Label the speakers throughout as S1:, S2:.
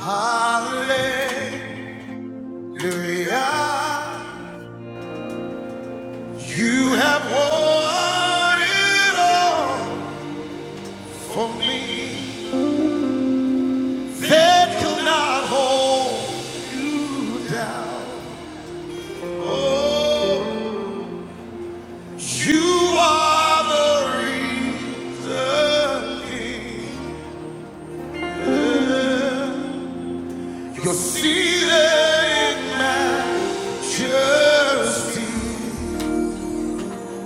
S1: Hallelujah. You have won it all for me. That cannot hold you down. Oh, you are the reason. You're seated in majesty.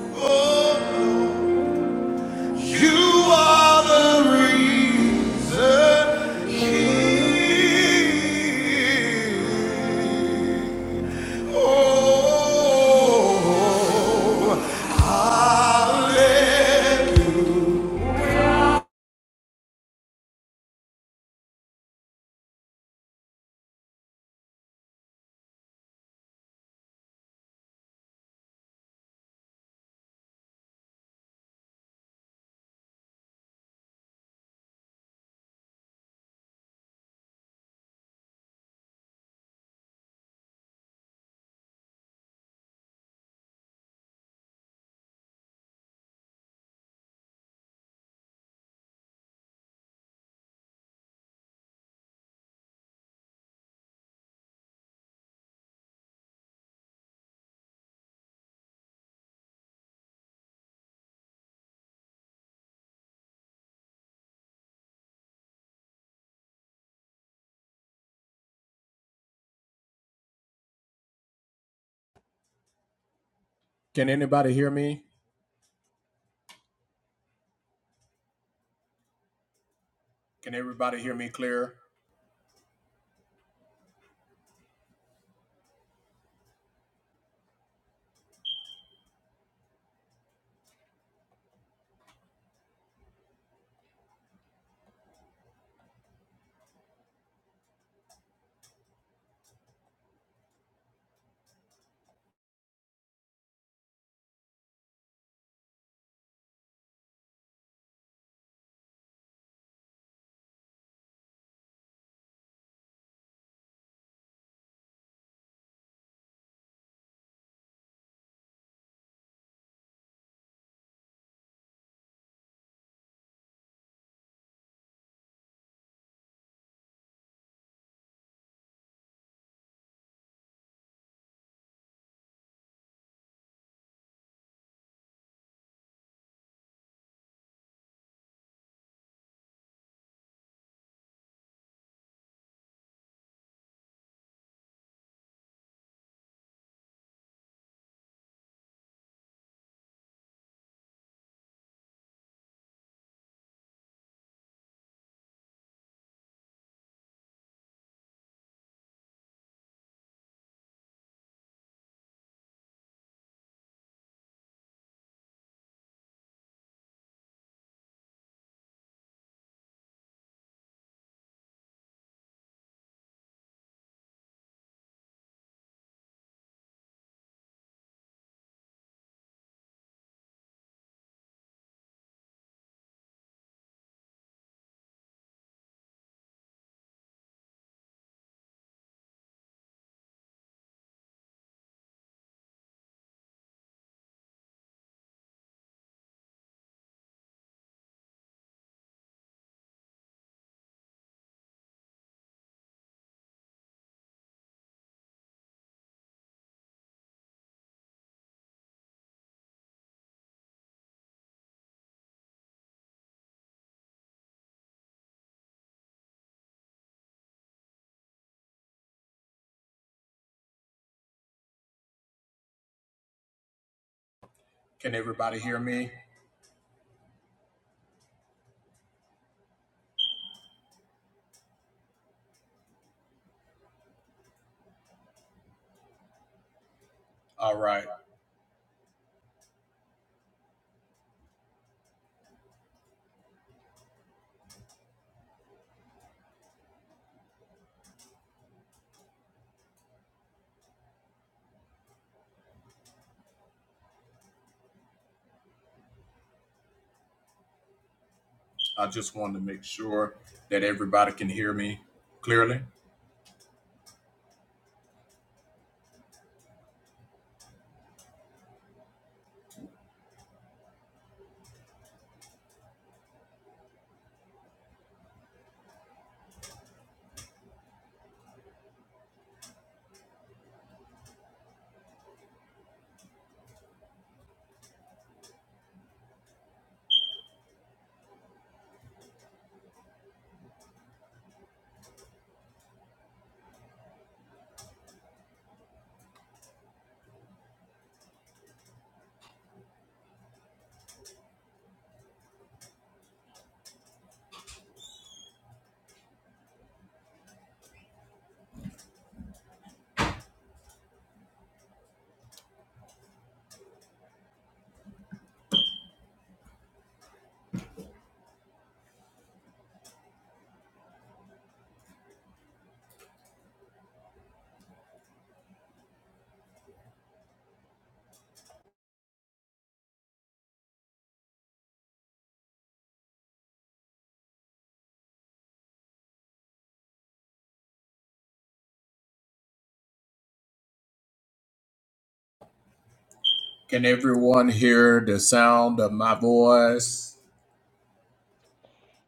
S1: Oh. You Oh,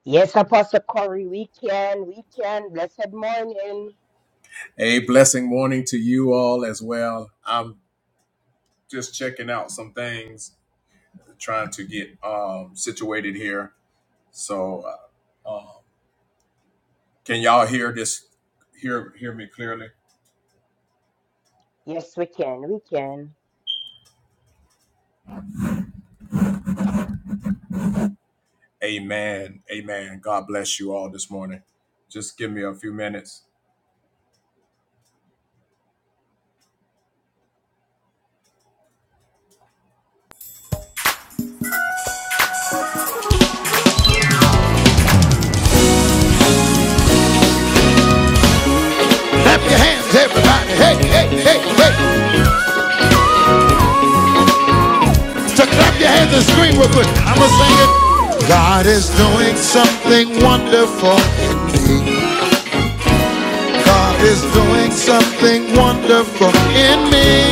S2: Yes, Apostle Corey, we can, we can. Blessed morning. Yes, we can, we can.
S1: your hands, everybody. Hey, hey, hey, hey. So clap your hands and scream real quick. I'm going to sing it. God is doing something wonderful. God is doing something wonderful in me.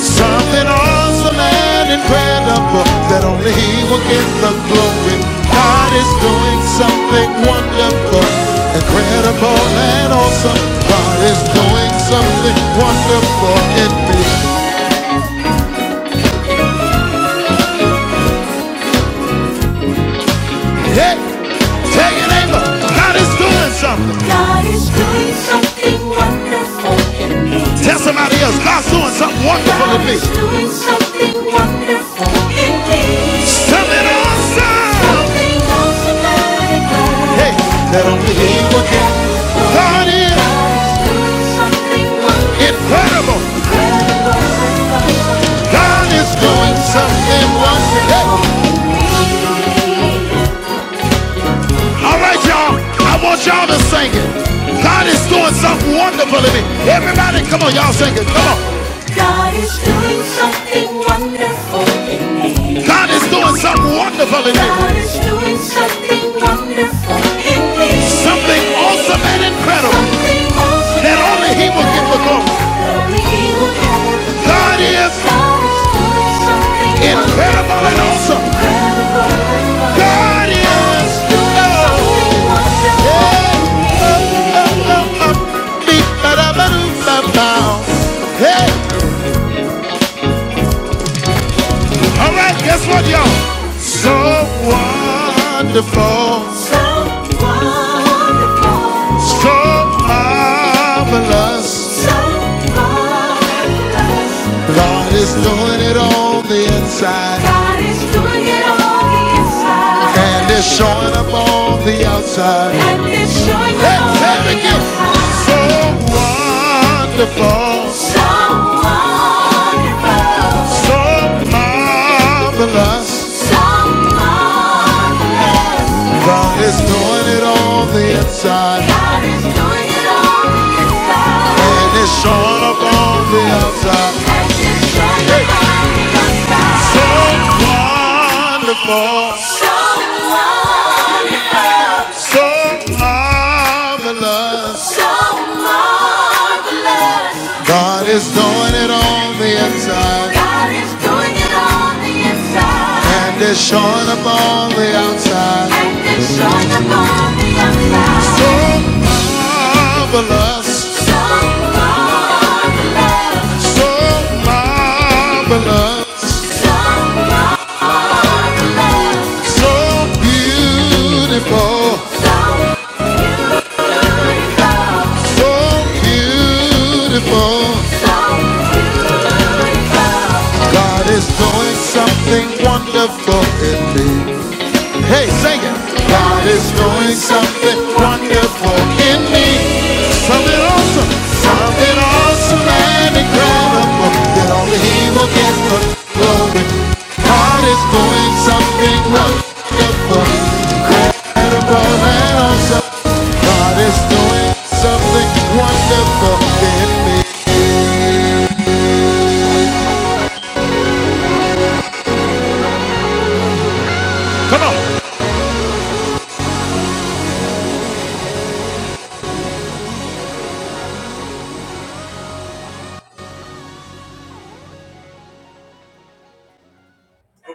S1: Something awesome and incredible that only He will get the glory. God is doing something wonderful, incredible and awesome. God is doing something wonderful in me. Hey, tell your neighbor, God is doing something. God is doing something wonderful in me. Tell somebody else, God's doing something wonderful to God is doing something wonderful in me. Something awesome. Something awesome and glad. Hey, that only He will do. God is doing something wonderful. incredible. God is doing something wonderful. in me. All right, y'all. I want y'all to sing it. God is doing something wonderful in me. Everybody, come on, y'all sing it. Come on. God is doing something wonderful. God is doing something wonderful in me. God is doing something wonderful in me. Something awesome and incredible Something awesome that only He will give the incredible glory. God is God is doing something incredible and awesome. God Yeah. Oh, oh, oh, oh. Beep, ba-da-ba-doo-ba-bow. Hey. All right, guess what, y'all? So wonderful, so so wonderful, so marvelous, so marvelous, God is doing it on the inside God is doing it on the inside. and it's showing up on the outside. And it's showing Hey, up on the outside. so wonderful, So wonderful. so marvelous. So marvelous. God is doing it on the inside. God is doing it on the inside. And it's showing up on the outside. And it's showing up on the outside. So wonderful. So wonderful. So marvelous. So marvelous. God is doing it on the inside God is doing it on the inside. and it's showing up on the outside. And it's showing up on the outside. So marvelous. So marvelous. So marvelous. So marvelous. So beautiful. So so beautiful. God is doing something wonderful in me. Hey, sing it. God is doing something wonderful in me. Something awesome. Something awesome and incredible that only He will get the glory. God is doing something wonderful awesome. God is doing something wonderful in me.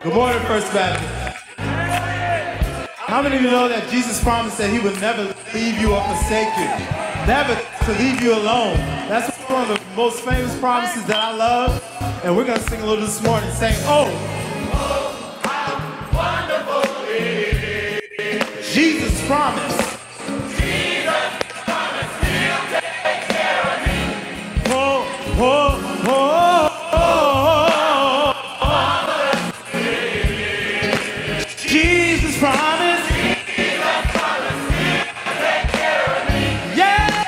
S1: Good morning, First Baptist. How many of you know that Jesus promised that he would never leave you or forsake you? Never to leave you alone. That's one of the most famous promises that I love. And we're going to sing a little this morning saying, Oh, Jesus promised. Oh, oh, oh, oh, oh. oh. Jesus promised. Yeah,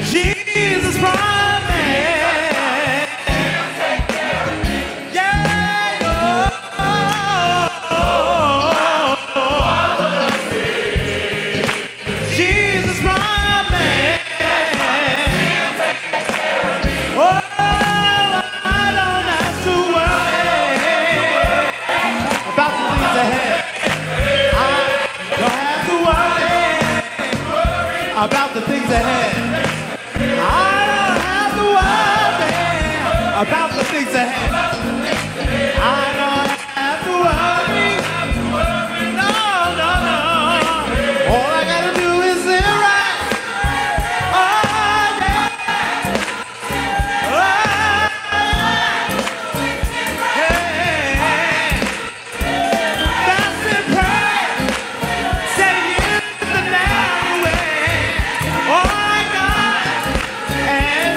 S1: Jesus promised. Yeah, Jesus promised. Oh, I don't have to worry about the things ahead. Don't have to worry about the things ahead. I don't have to worry about the things ahead. I don't have to worry, no, no, no. All I gotta do is sit right. Oh, yeah, right. Yeah. That's the price. Say yes to the narrow way. All I got and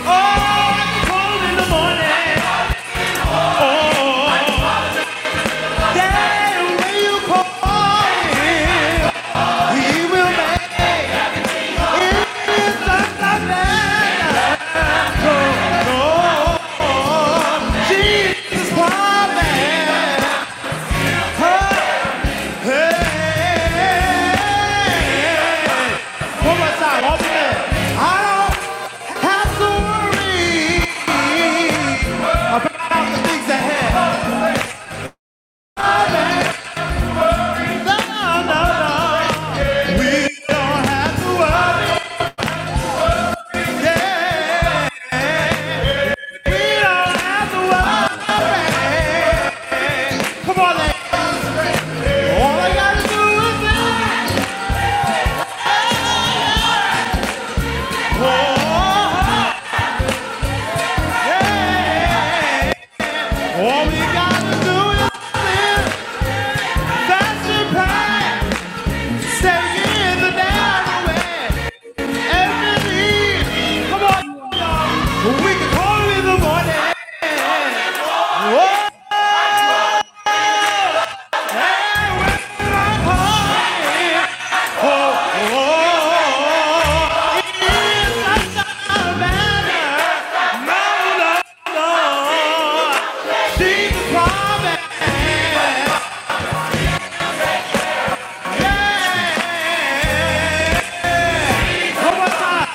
S1: Oh, I can call in the morning. Oh, that way you call him, he will make it just like promised. One more time, all together. I don't have to worry about the things ahead. No, no, no. We don't have to worry. Yeah. We don't have to worry. Come on, ladies. All I gotta do is live. Yeah. All we gotta do is live. That's your path. Stay in the narrow way. Emily! Come on! We can call in the morning! when I'm home. Jesus promise! Yeah! One more time!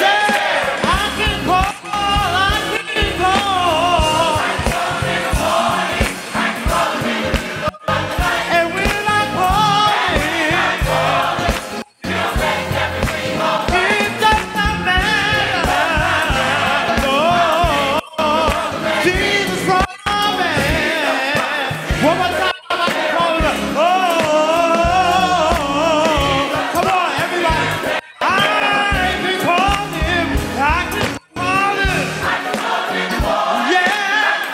S1: Yeah! I can call, I can call, and when i call. Yeah,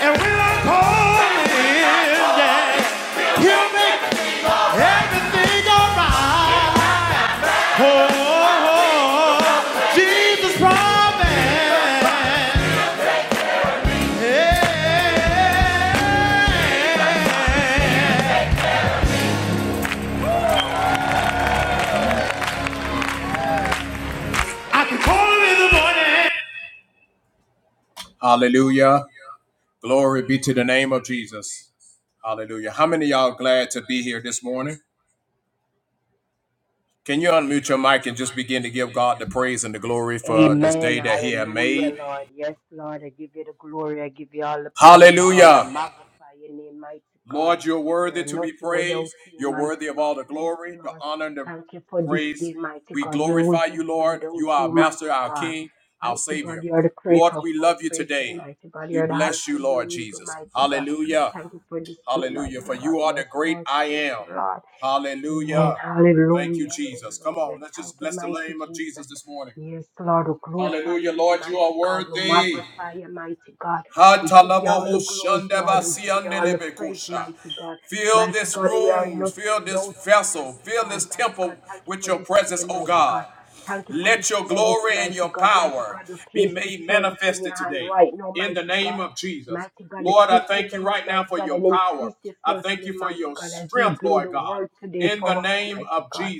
S1: and when I call him, yeah, he'll make Everything alright. Oh, oh, oh, Jesus promised. I can call him in the morning.
S2: Amen. Hallelujah, Lord. Yes, Lord. I give you the glory. I give you all the praise, Lord. I magnify your name, mighty God. We are nothing without you, mighty God. Yes, Lord. Thank you for this day, mighty God. Where would we be without you, mighty God? Mighty God, you are the creator of all creation, mighty God. You are the Alpha and the Omega, mighty God. Thank you for this day, mighty God. Yes, Lord. Thank you, Lord. Amen. Hallelujah. Hallelujah. Thank you, mighty Jesus. Yes, Lord, we glorify your name, mighty God. We magnify you, mighty God. We give you all the glory, Lord. We give you all the praise, mighty God. Mighty God, we are nothing without you, mighty God. Mighty God, thank you for this day, mighty God. Thank you for this service, mighty God. Mighty God, we place this service in your hand right now, mighty God. Mighty God, decrease in the man, mighty God, and increase yourself in him, mighty God, as we bring the word today for us, mighty God.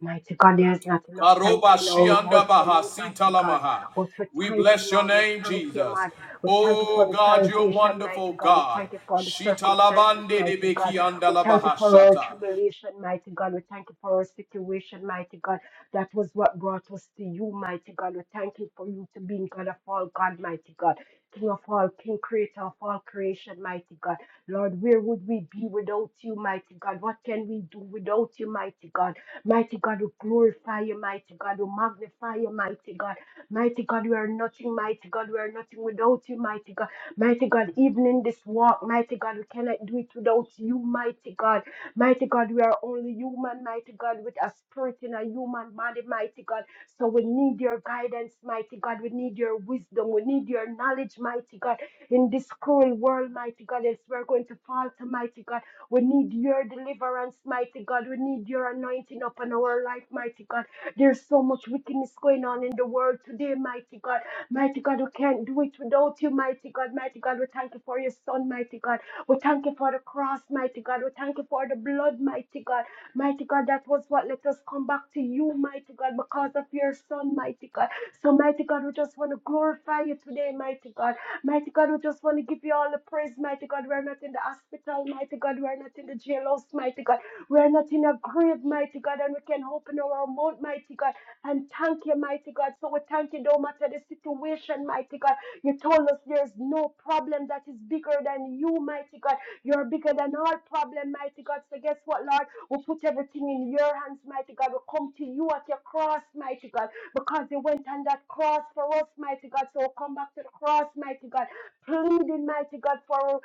S2: Mighty God, there is not enough thank you in our mouth for you, mighty God. But we thank you, Lord. We thank you, man. We thank you for the salvation, mighty God. We thank you for the circumstances, mighty God. We thank you for our tribulation, mighty God. We thank you for our situation, mighty God. That was what brought us to you, mighty God. We thank you for you to being God of all, God, mighty God. King of all, King Creator of all creation, mighty God. Lord, where would we be without you, mighty God? What can we do without you, mighty God? Mighty God, we glorify you, mighty God. We magnify you, mighty God. Mighty God, we are nothing, mighty God. We are nothing without you, mighty God. Mighty God, even in this walk, mighty God, we cannot do it without you, mighty God. Mighty God, we are only human, mighty God, with a spirit in a human body, mighty God. So we need your guidance, mighty God. We need your wisdom. We need your knowledge, mighty God. In this cruel world, mighty God, as we're going to falter, mighty God, we need your deliverance, mighty God. We need your anointing upon our life, mighty God. There's so much wickedness going on in the world today, mighty God. Mighty God, we can't do it without you, mighty God. Mighty God, we thank you for your son, mighty God. We thank you for the cross, mighty God. We thank you for the blood, mighty God. Mighty God, that was what let us come back to you, mighty God, because of your son, mighty God. So, mighty God, we just want to glorify you today, mighty God. Mighty God, we just want to give you all the praise, mighty God. We're not in the hospital, mighty God. We're not in the jailhouse, mighty God. We're not in a grave, mighty God, and we can open our mouth, mighty God, and thank you, mighty God. So we thank you, no matter the situation, mighty God. You told us there's no problem that is bigger than you, mighty God. You're bigger than all problem, mighty God. So guess what, Lord? We put everything in your hands, mighty God. We come to you at your cross, mighty God, because you went on that cross for us, mighty God. So we come back to the cross, mighty God, pleading, mighty God, for,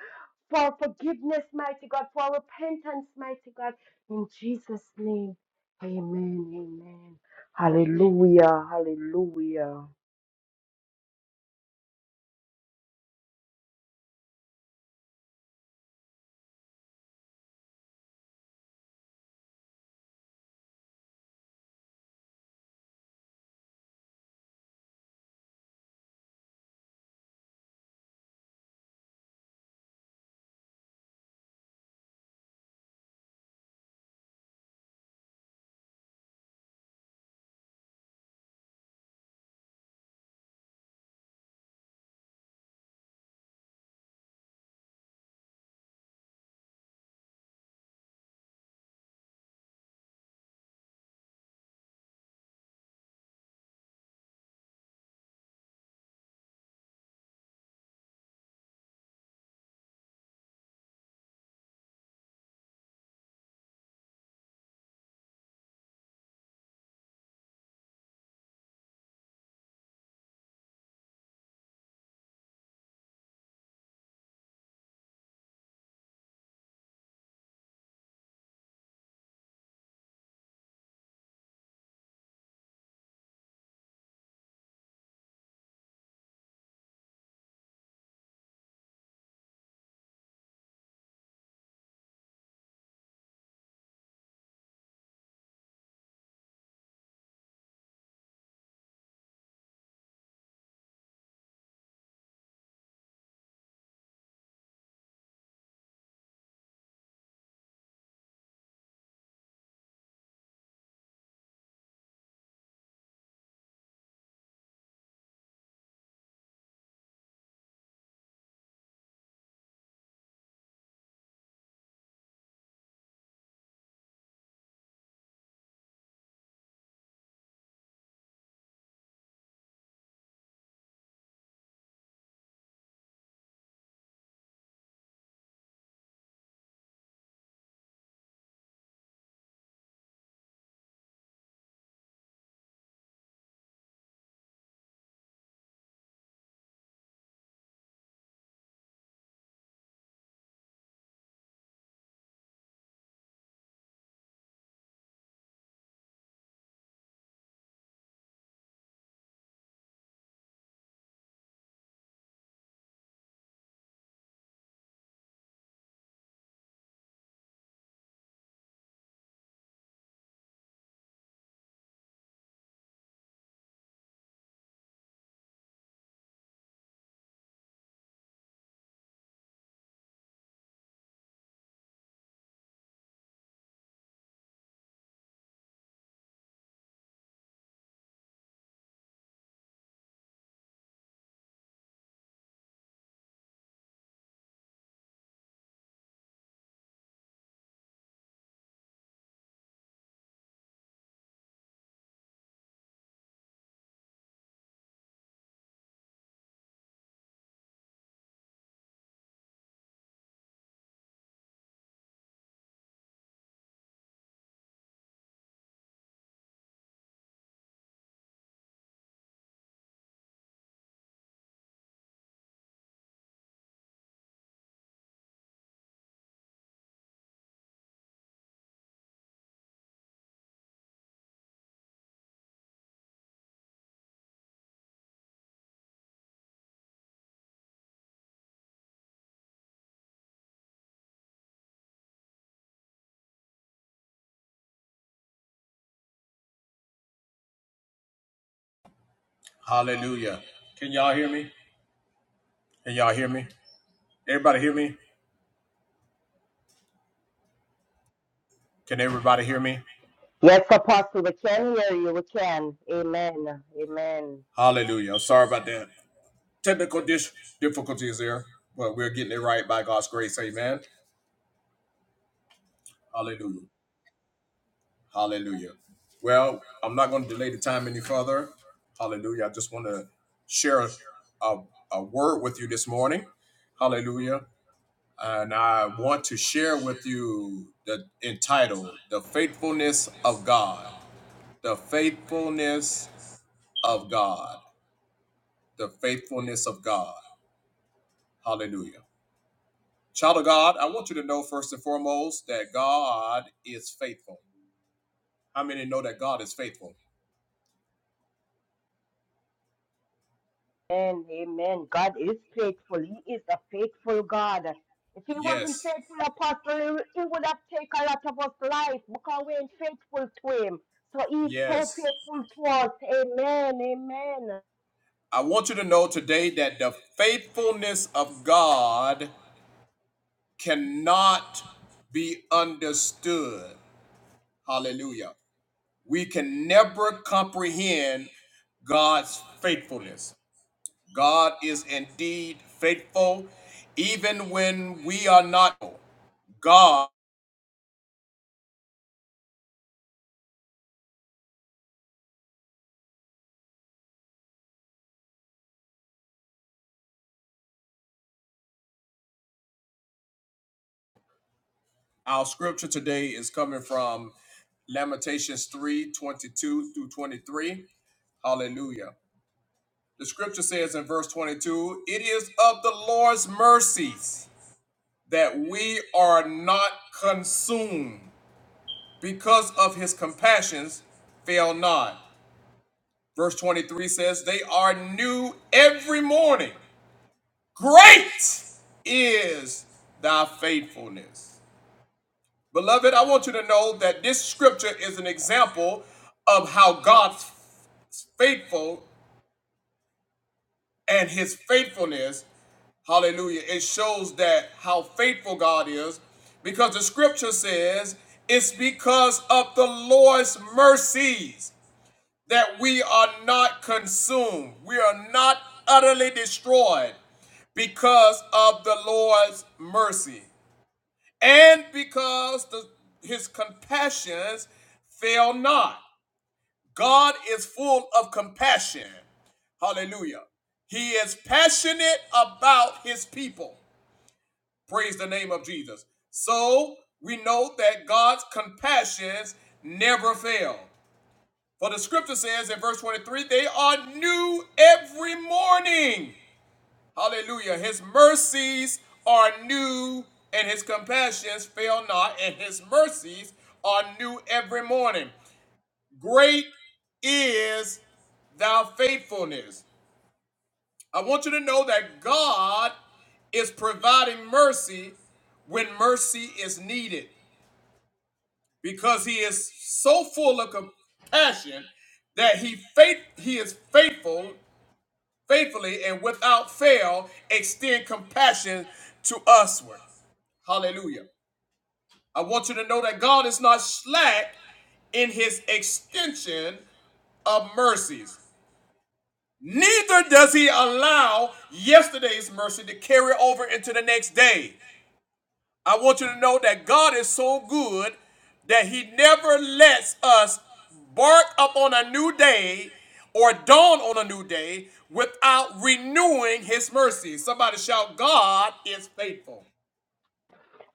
S2: for forgiveness, mighty God, for repentance, mighty God. In Jesus' name, amen, amen. Hallelujah, hallelujah. Yes, Apostle, we can hear you. We can. Amen. Amen. Amen. Amen. God is faithful. He is a faithful God. If he wasn't faithful, Apostle, he would have taken a lot of us life because we ain't faithful to him. So he's so faithful to us. Amen. Amen.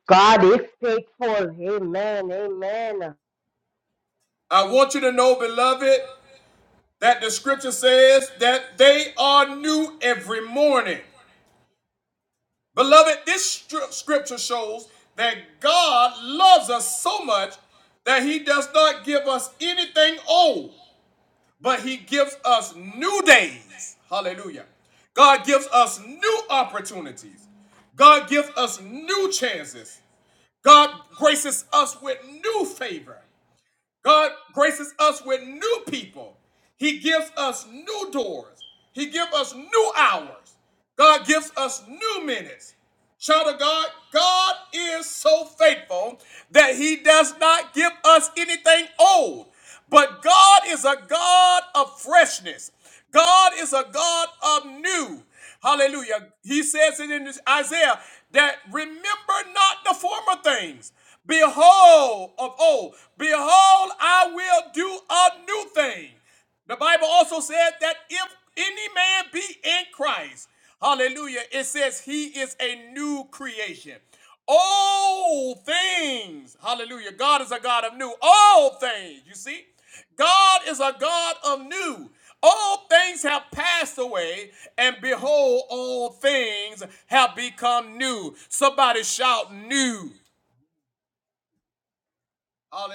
S2: God is faithful. Amen. Amen.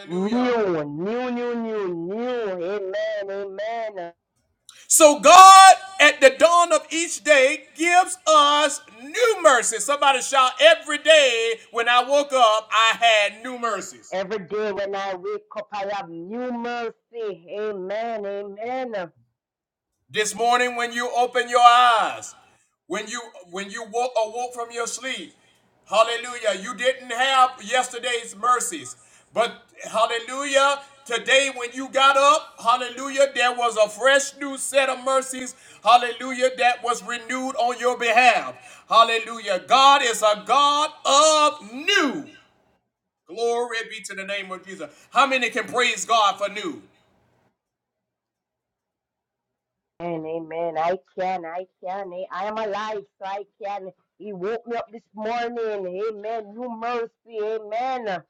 S2: New, new, new, new, new. Amen. Amen. Every day when I wake up, I have new mercy. Amen. Amen. Amen, amen. I can, I can. eh, I am alive, so I can. He woke me up this morning. Amen. New mercy. Amen.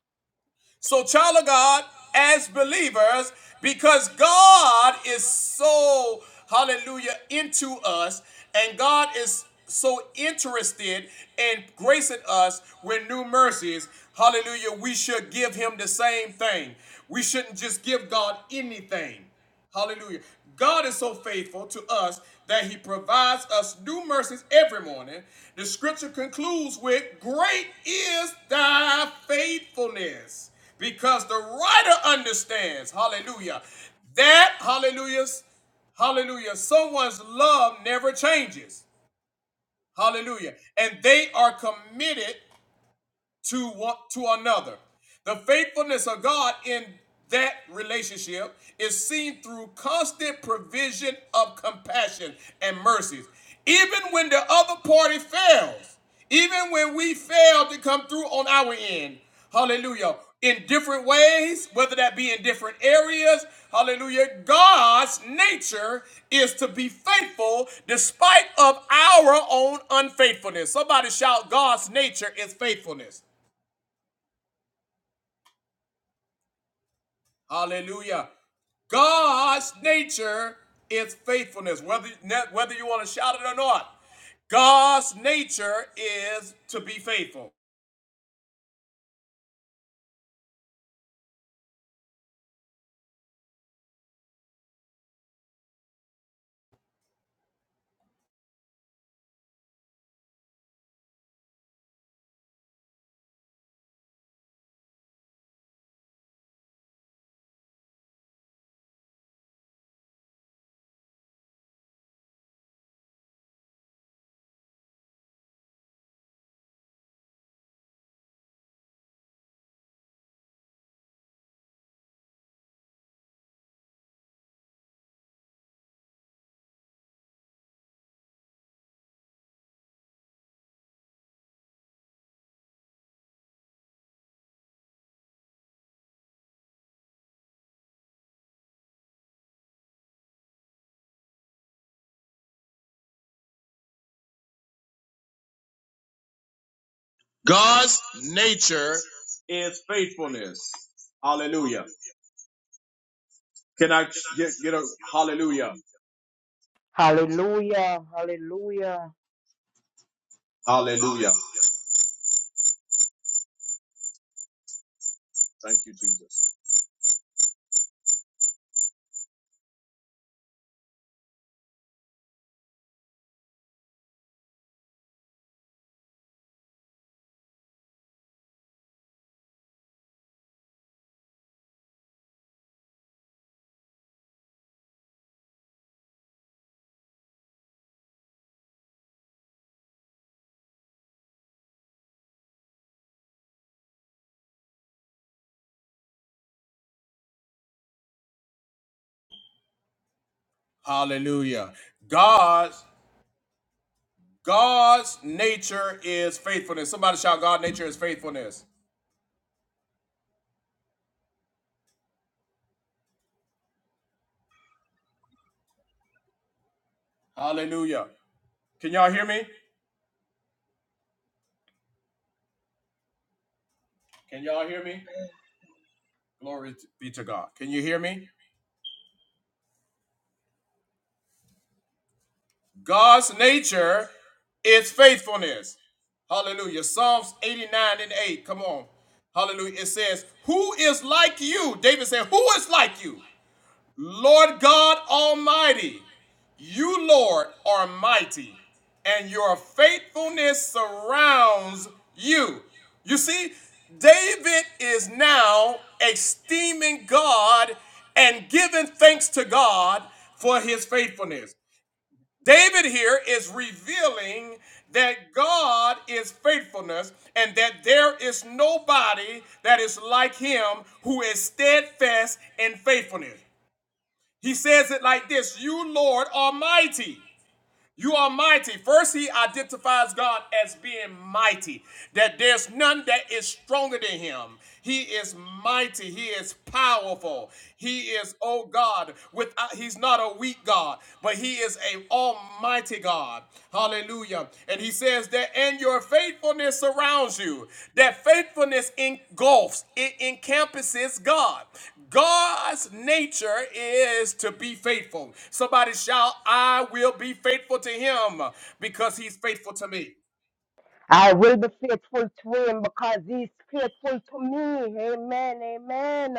S3: God's nature is faithfulness. Hallelujah. Can I get, get a hallelujah?
S2: Hallelujah. Hallelujah.
S3: Hallelujah. Thank you, Jesus.
S2: I will be faithful to him because he's faithful to me. Amen. Amen.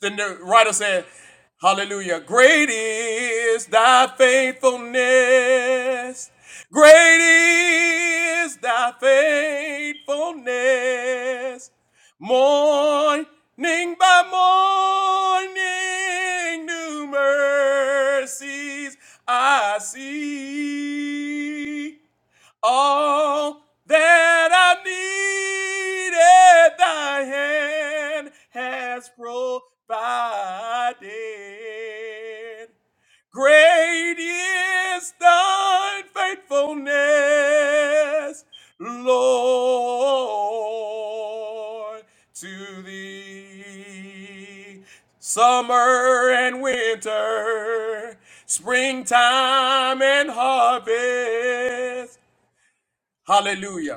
S1: Then the right faithfulness. Grant I needed thy. Hallelujah.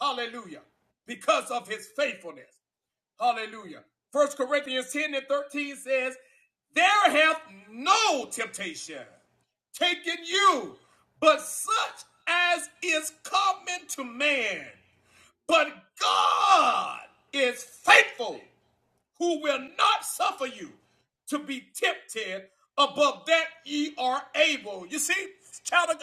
S1: Hallelujah. Because of his faithfulness. Hallelujah. First Corinthians 10 and 13 says, There hath no temptation taken you, but such as is common to man. But God is faithful, who will not suffer you to be tempted above that ye are able. You see, child of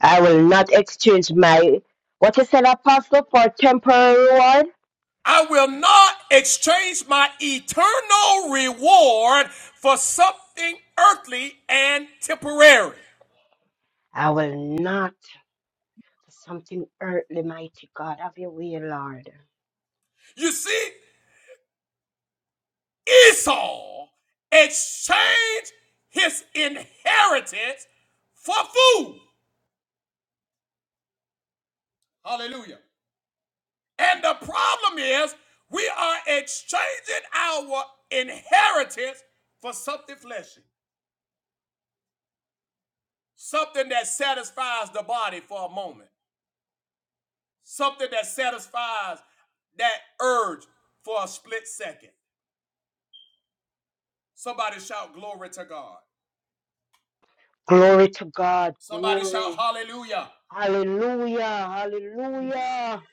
S2: I will not exchange my what you said, Apostle, for temporary reward. I will not something earthly, mighty God. Have your way, Lord. Glory to God. Glory. Hallelujah. Hallelujah.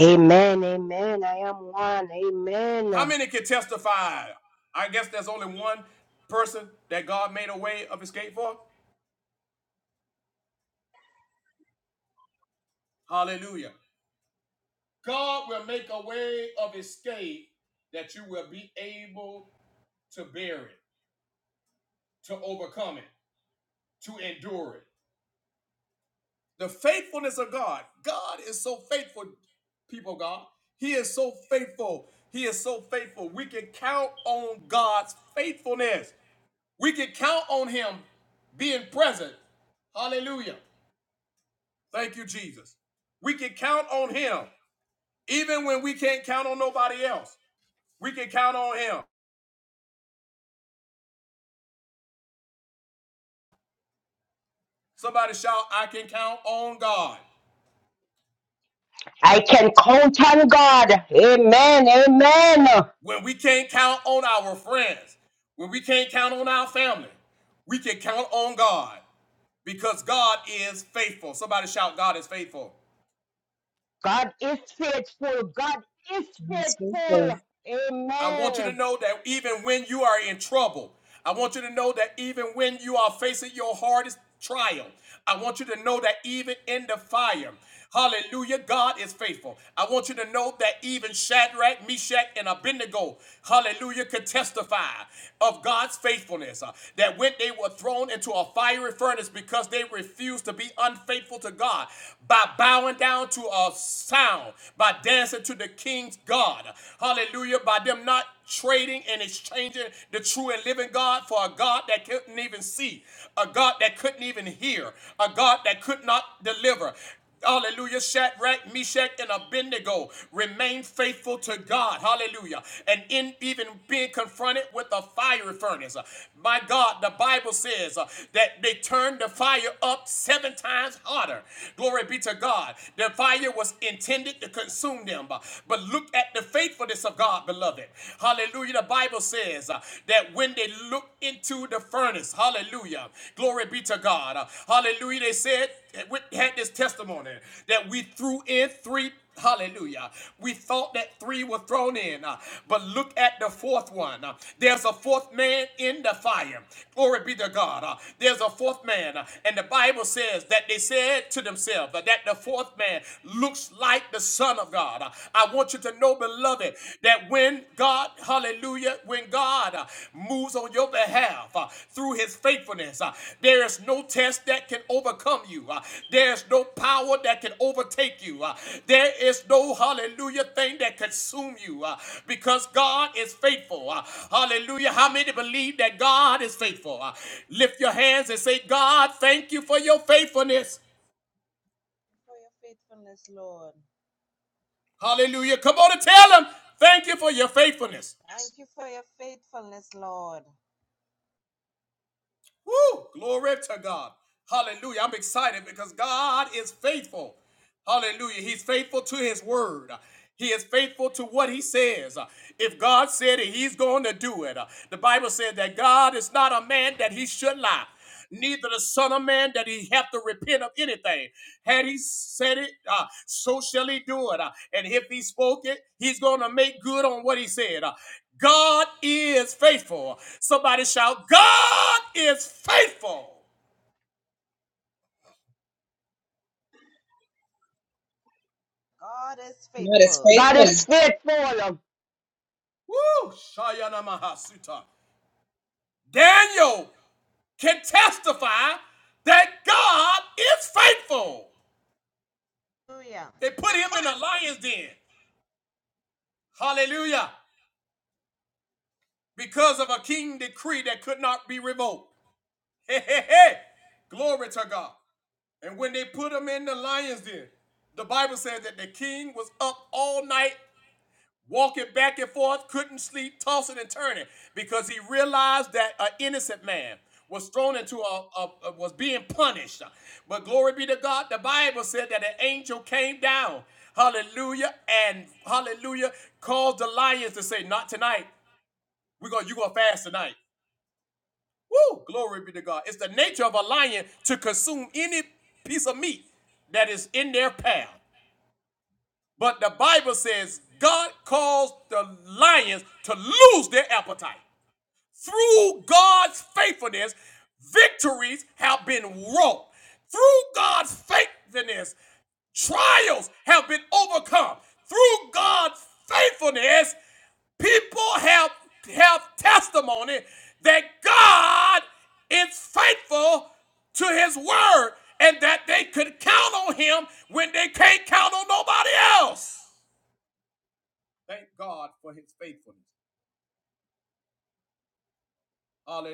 S2: Amen. Amen. I am one. Amen. I can count on God. Amen. Amen. God is faithful. God is
S4: God is faithful.
S2: faithful. Amen.
S5: for your faithfulness, Lord. Thank you for your faithfulness, Lord.
S1: neither that he have to repent of anything. Had he said it, uh, so shall he do it. Uh, and if he spoke it, he's going to make on he said. is faithful. God is
S5: God is
S4: God is
S5: faithful.
S2: God is
S4: faithful.
S2: faithful.
S5: Hallelujah.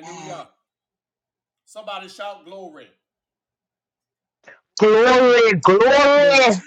S4: Wow.
S2: Glory.
S4: Glory to
S2: Glory.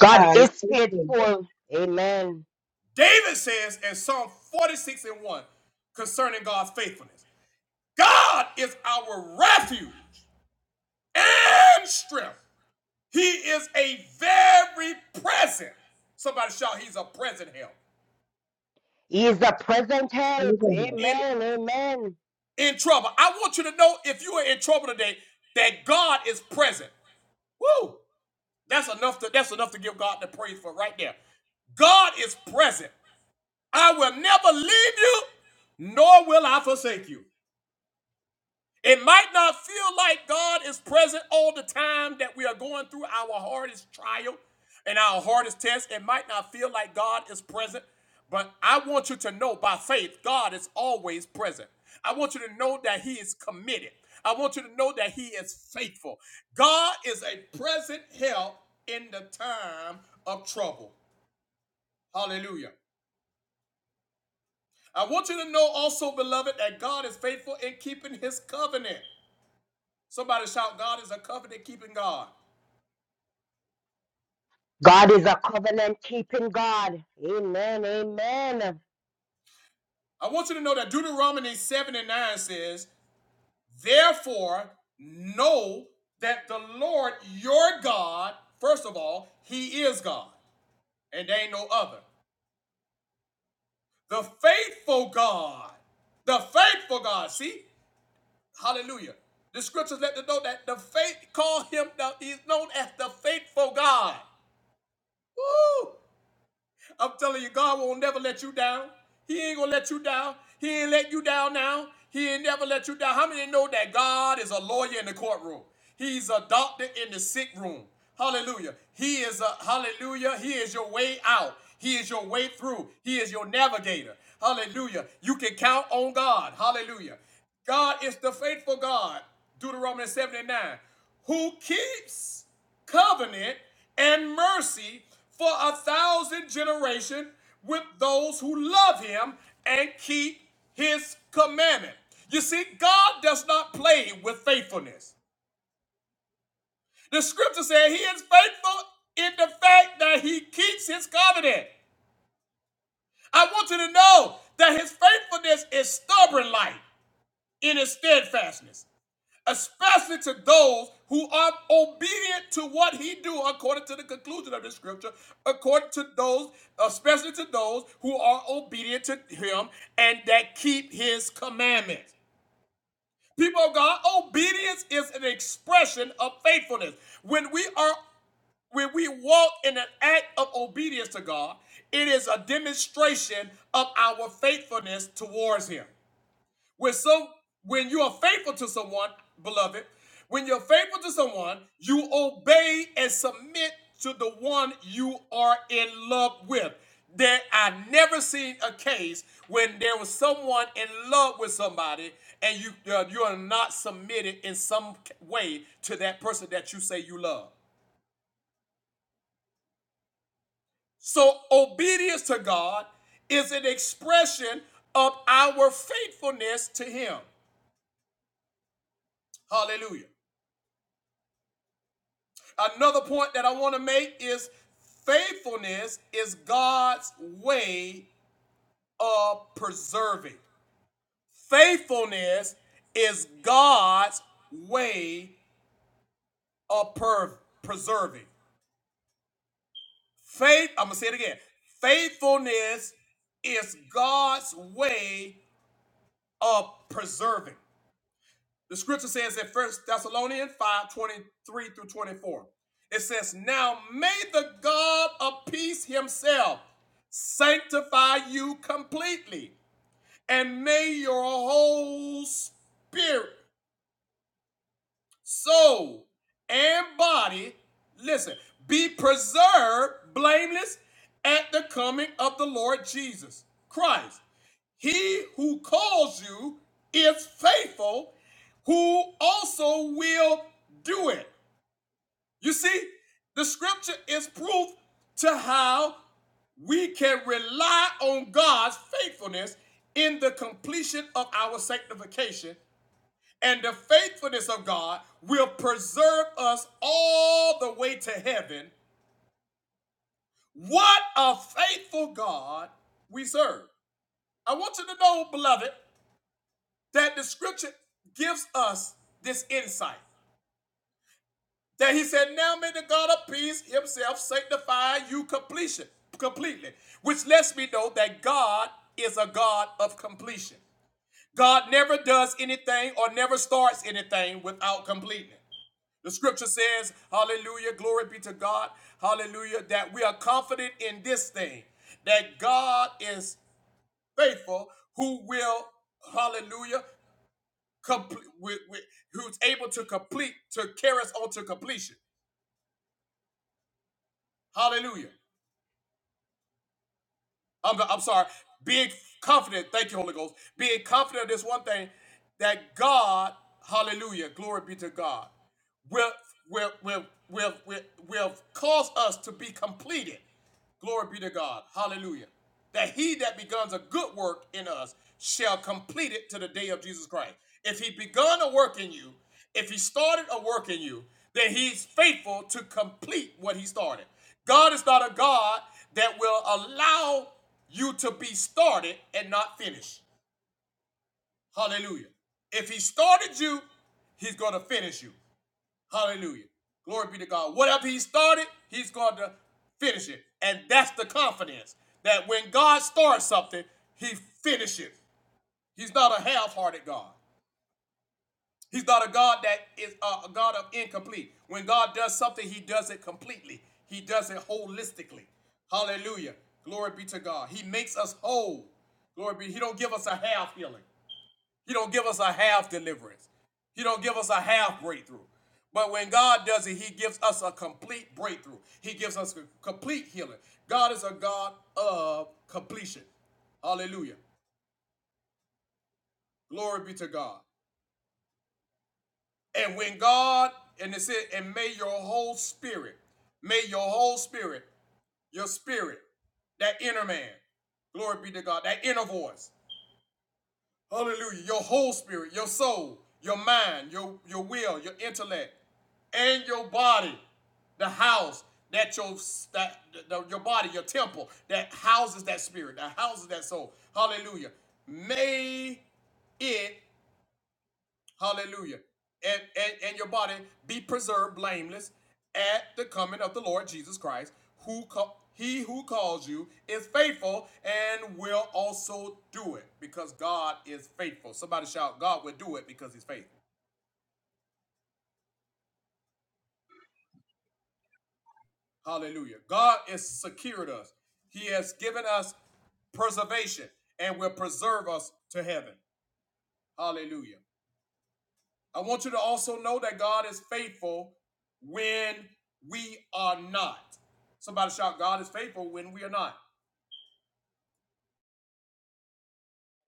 S2: God
S4: God is
S2: is
S4: faithful.
S2: faithful. Amen. He is a present
S4: We're
S2: help.
S4: gonna-
S2: Amen. Amen. God is a covenant keeping God. Amen. Amen.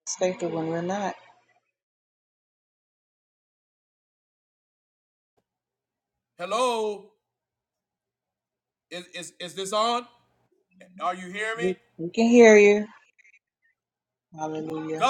S4: It's faithful when we're not. We, we can hear you. Hallelujah.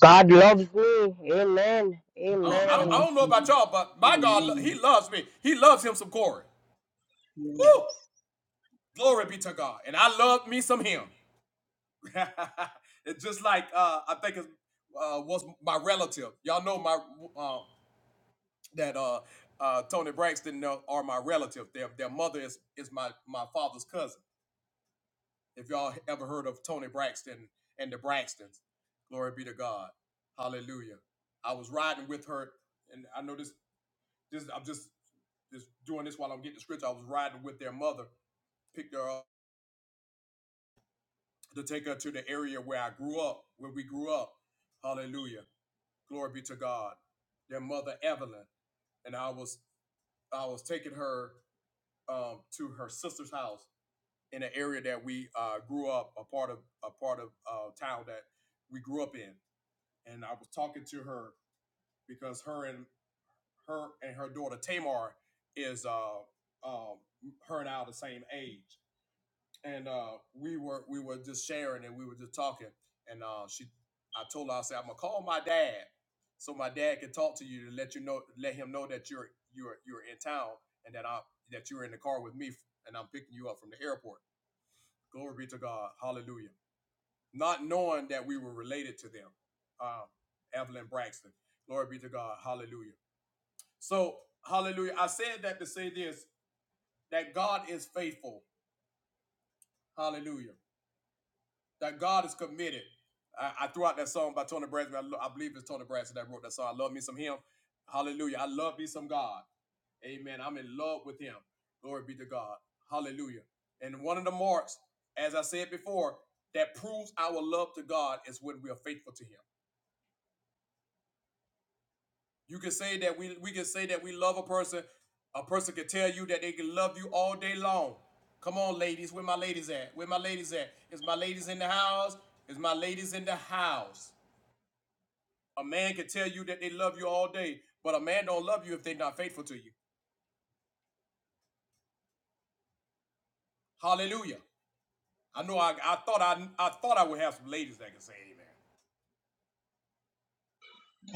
S2: God loves me. Amen. Amen.
S4: Amen. Yeah.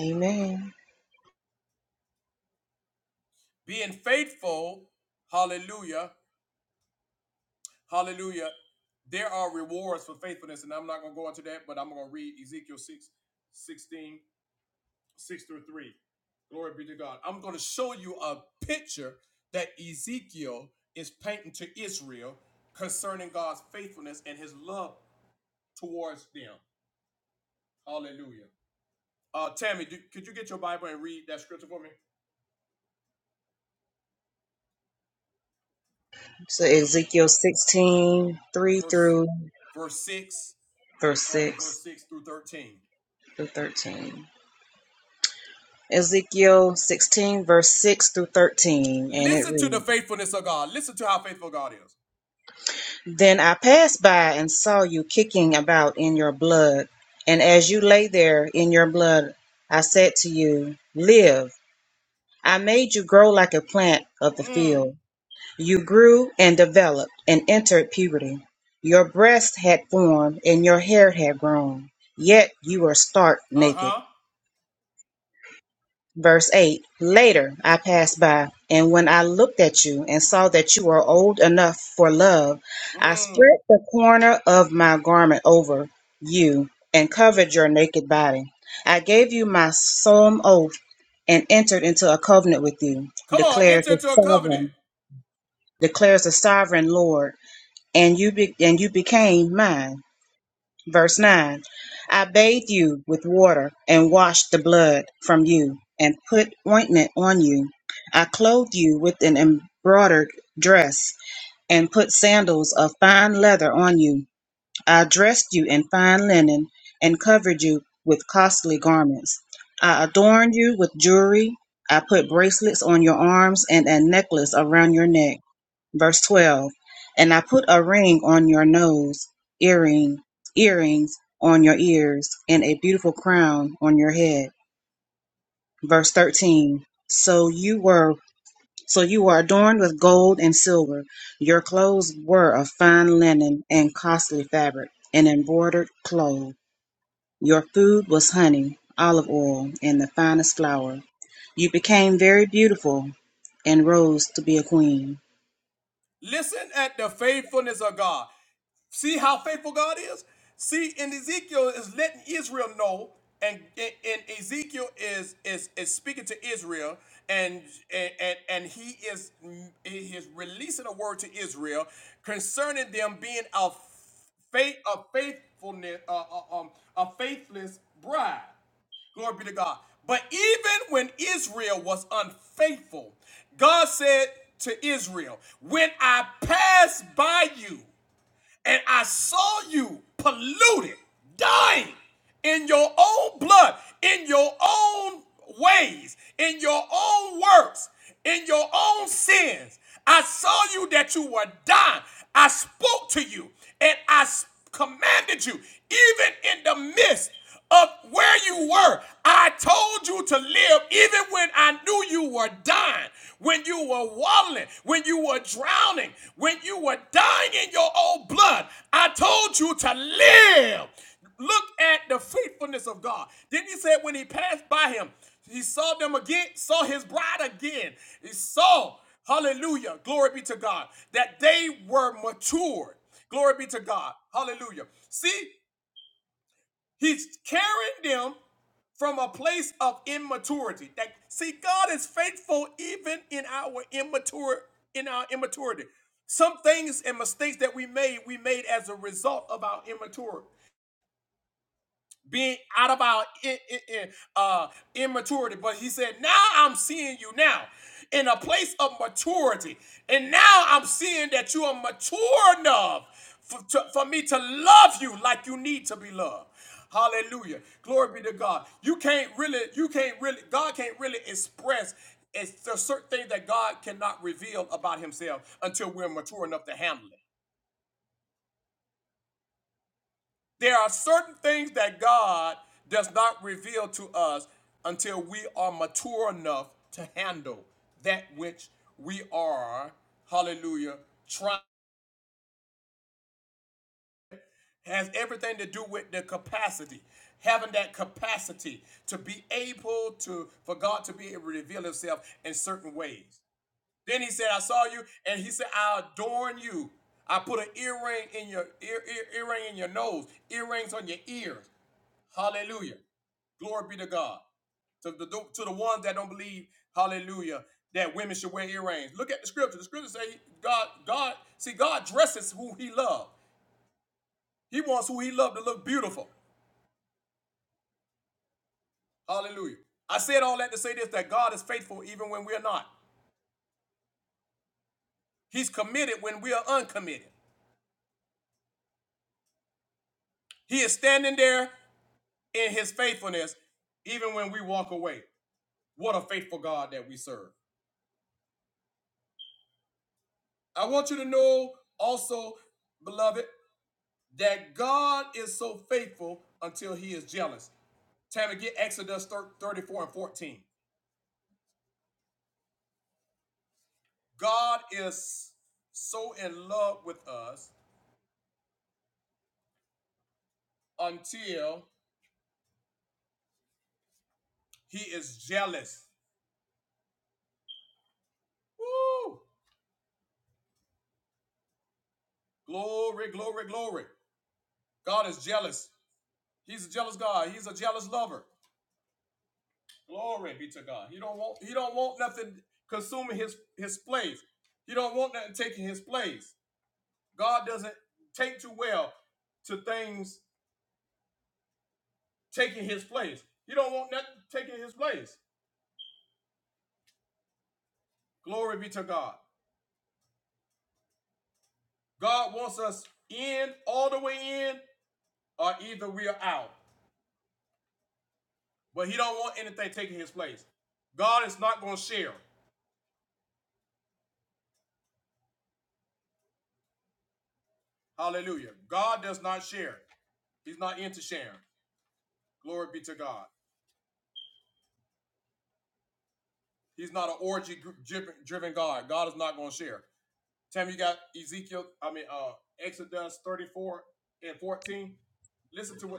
S4: Amen. So Ezekiel 16 3 through verse 6 through 13. Ezekiel 16, verse 6 through 13, and it reads. Then I passed by and saw you kicking about in your blood. And as you lay there in your blood, I said to you, Live. I made you grow like a plant of the field. You grew and developed and entered puberty. Your breast had formed and your hair had grown, yet you were stark naked. Verse 8 Later I passed by, and when I looked at you and saw that you were old enough for love, I spread the corner of my garment over you and covered your naked body. I gave you my solemn oath and entered into a covenant with you, declares the sovereign, declares the sovereign Lord, and you be, and you became mine. Verse 9 I bathed you with water and washed the blood from you and put ointment on you. I clothed you with an embroidered dress and put sandals of fine leather on you. I dressed you in fine linen and covered you with costly garments. I adorned you with jewelry. I put bracelets on your arms and a necklace around your neck. Verse 12 And I put a ring on your nose, earring, earrings on your ears, and a beautiful crown on your head. Verse 13 So you were so you were adorned with gold and silver. Your clothes were of fine linen and costly fabric, and embroidered cloth. Your food was honey, olive oil, and the finest flour. You became very beautiful and rose to be a queen.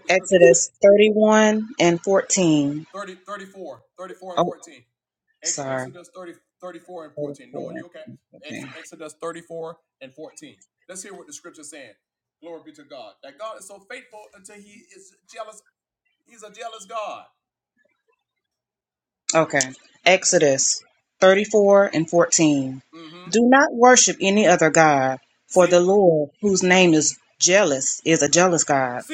S4: Exodus 31 and 14. Oh, sorry. 34. and 14. Okay. Exodus 34 and 14. Do not worship any other God, for the Lord, whose name is jealous, is a jealous God.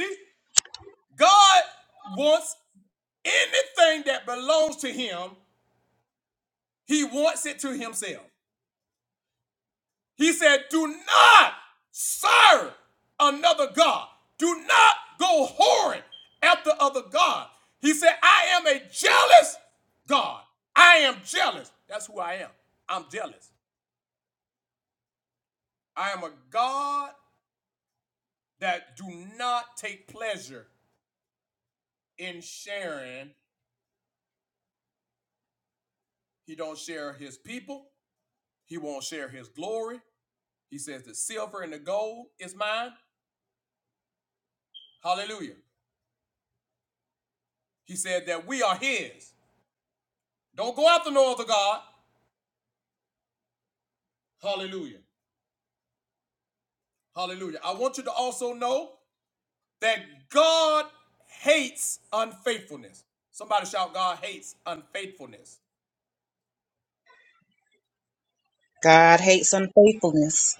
S4: God hates unfaithfulness.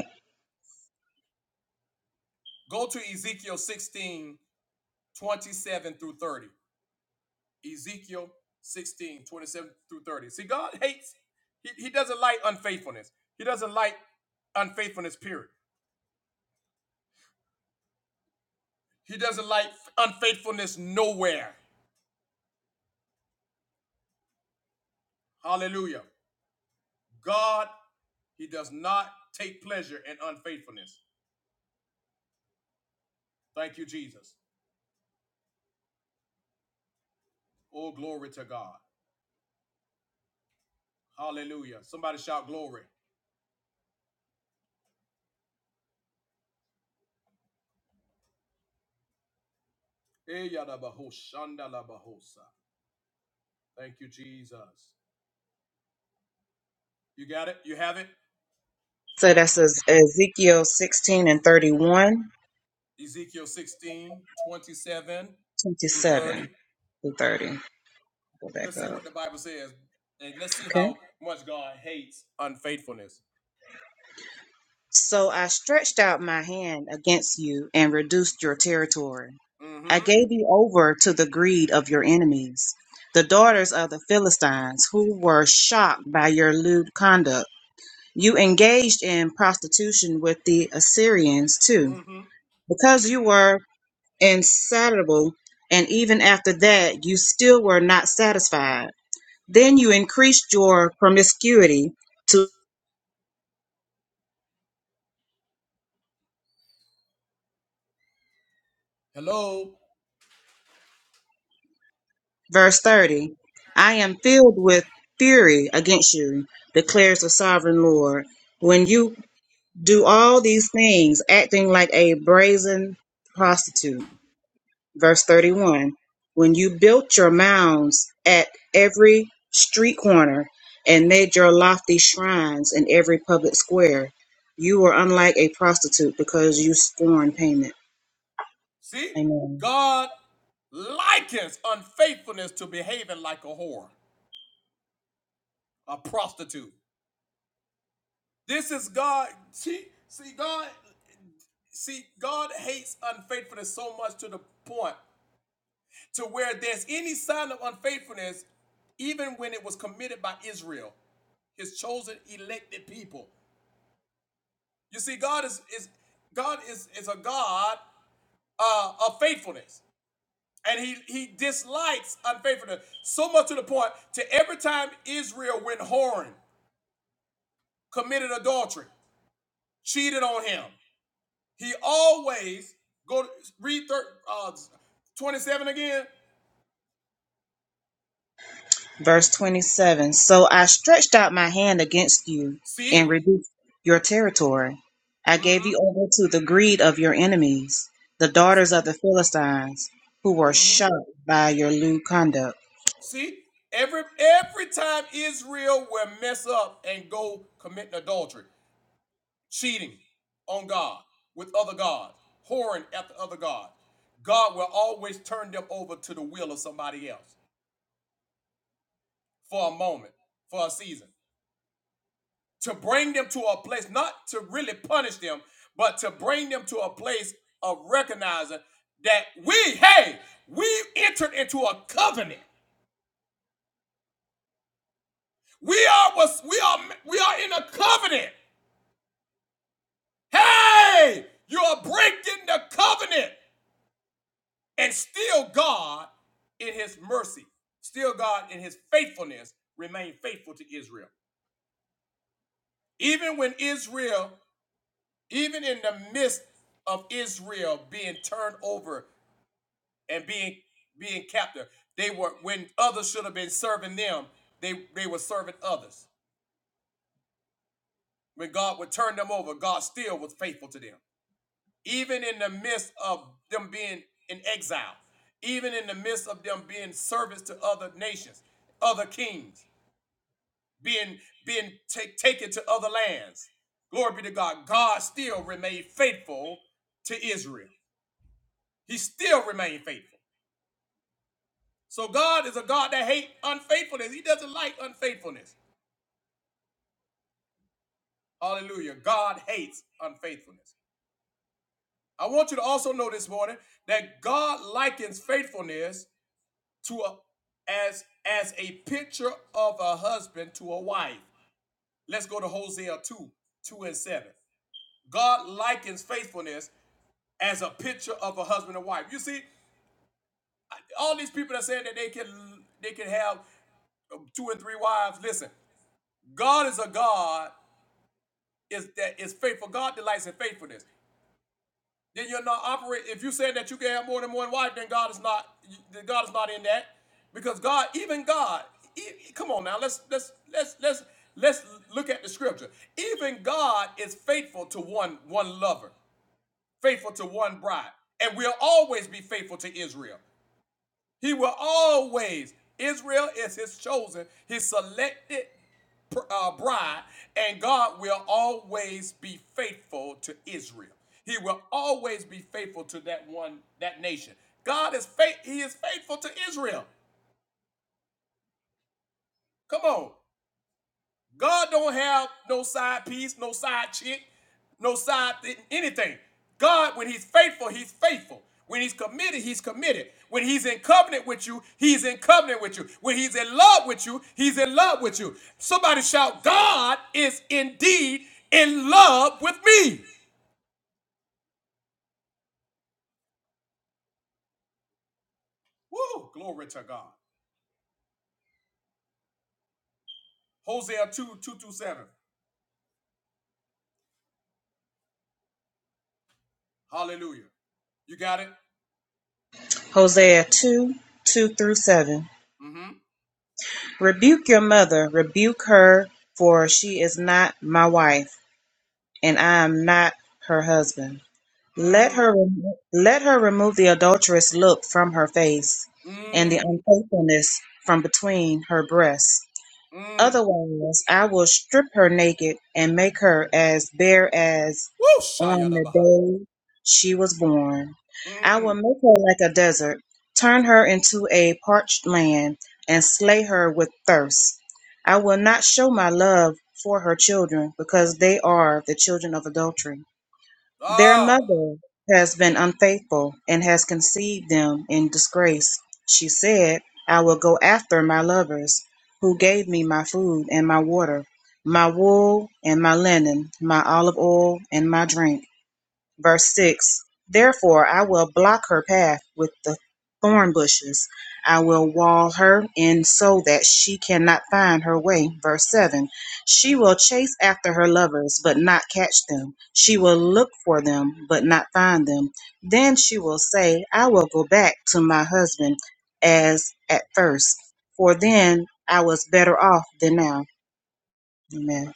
S4: So that's Ez- Ezekiel 16 and 31, 27 through 30. Go back up. Okay. So I stretched out my hand against you and reduced your territory. I gave you over to the greed of your enemies, the daughters of the Philistines, who were shocked by your lewd conduct. You engaged in prostitution with the Assyrians too, because you were insatiable, and even after that, you still were not satisfied. Then you increased your promiscuity to.
S1: Hello.
S4: Verse 30 I am filled with fury against you, declares the sovereign Lord, when you do all these things, acting like a brazen prostitute. Verse 31 When you built your mounds at every street corner and made your lofty shrines in every public square, you were unlike a prostitute because you scorn payment. Amen. Verse 27 So I stretched out my hand against you and reduced your territory. I gave you over to the greed of your enemies, the daughters of the Philistines, who were shocked by your lewd conduct. Hosea 2 2 through 7. Rebuke your mother, rebuke her, for she is not my wife, and I am not her husband. Let her let her remove the adulterous look from her face, and the unfaithfulness from between her breasts. Otherwise, I will strip her naked and make her as bare as on the day she was born. I will make her like a desert, turn her into a parched land, and slay her with thirst. I will not show my love for her children, because they are the children of adultery. Their mother has been unfaithful and has conceived them in disgrace. She said, I will go after my lovers, who gave me my food and my water, my wool and my linen, my olive oil and my drink. Verse 6 Therefore I will block her path with the thorn bushes, I will wall her in so that she cannot find her way. Verse 7 She will chase after her lovers, but not catch them. She will look for them, but not find them. Then she will say, I will go back to my husband as at first, for then I was better off than now. Amen.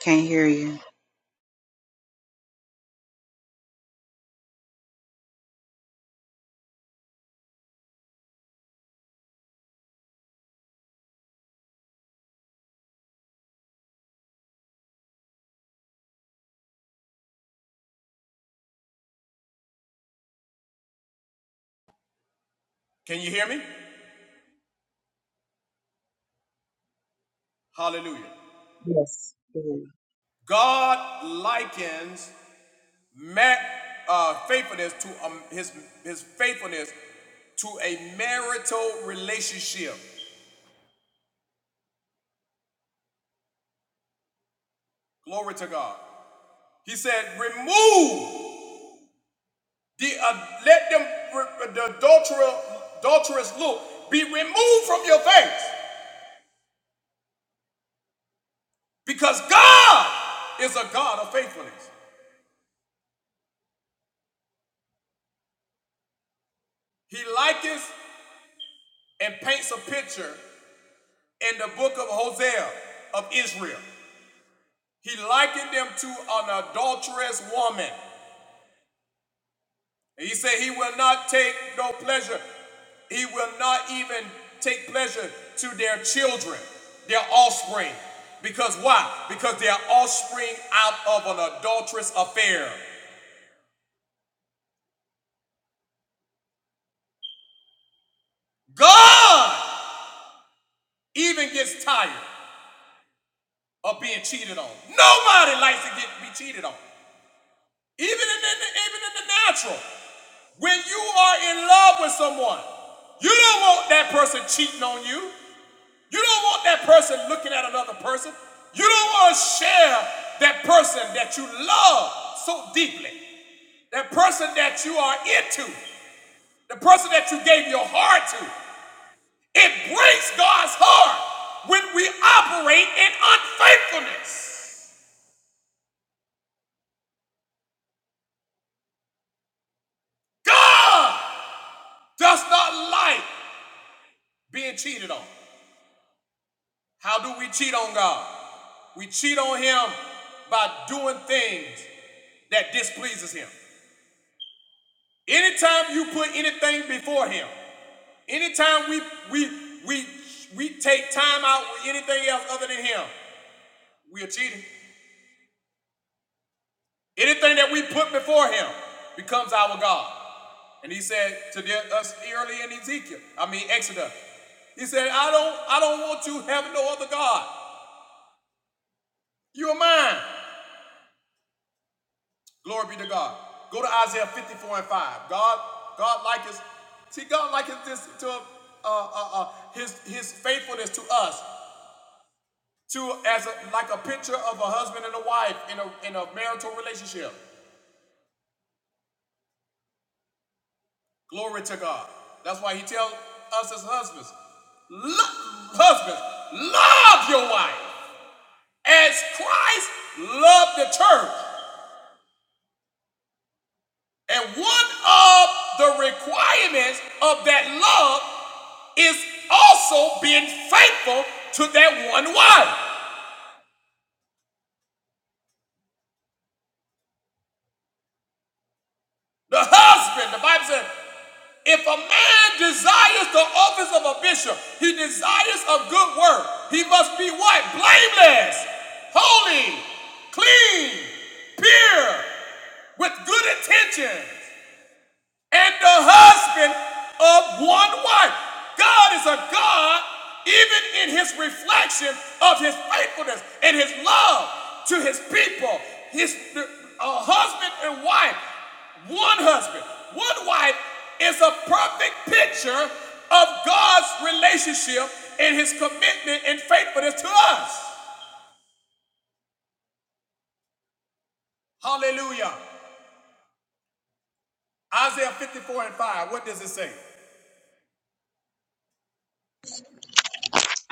S4: Can't hear you. Yes.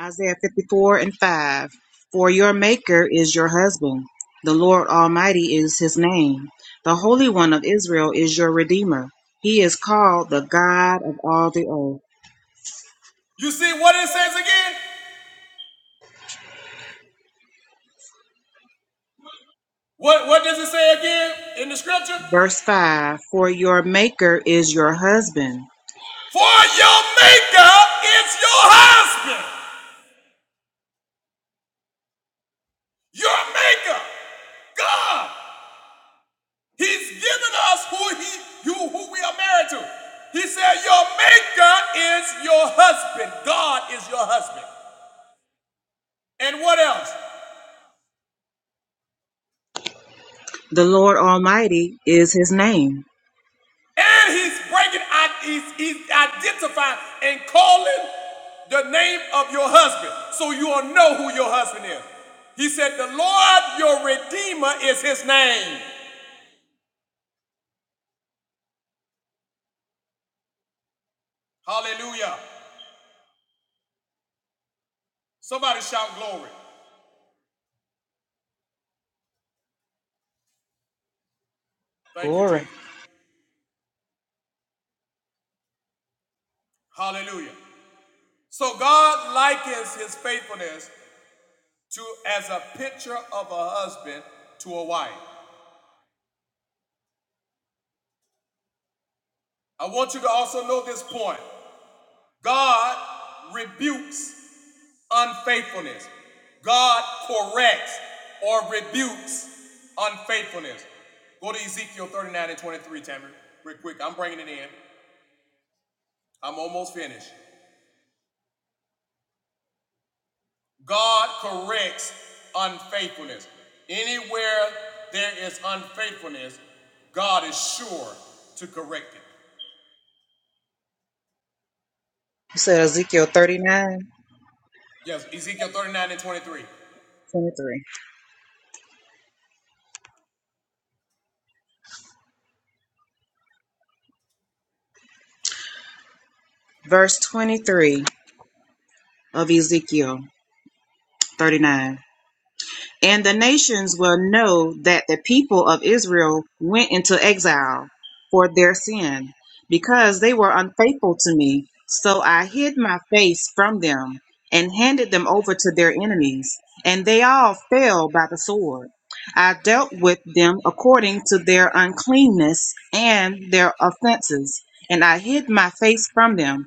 S4: Isaiah 54 and 5. For your Maker is your husband. The Lord Almighty is his name. The Holy One of Israel is your Redeemer. He is called the God of all the earth. Verse 5 For your Maker is your husband. The Lord Almighty is his name. Glory. You said Ezekiel thirty-nine twenty-three, Verse 23 of Ezekiel 39. And the nations will know that the people of Israel went into exile for their sin, because they were unfaithful to me. So I hid my face from them and handed them over to their enemies, and they all fell by the sword. I dealt with them according to their uncleanness and their offenses, and I hid my face from them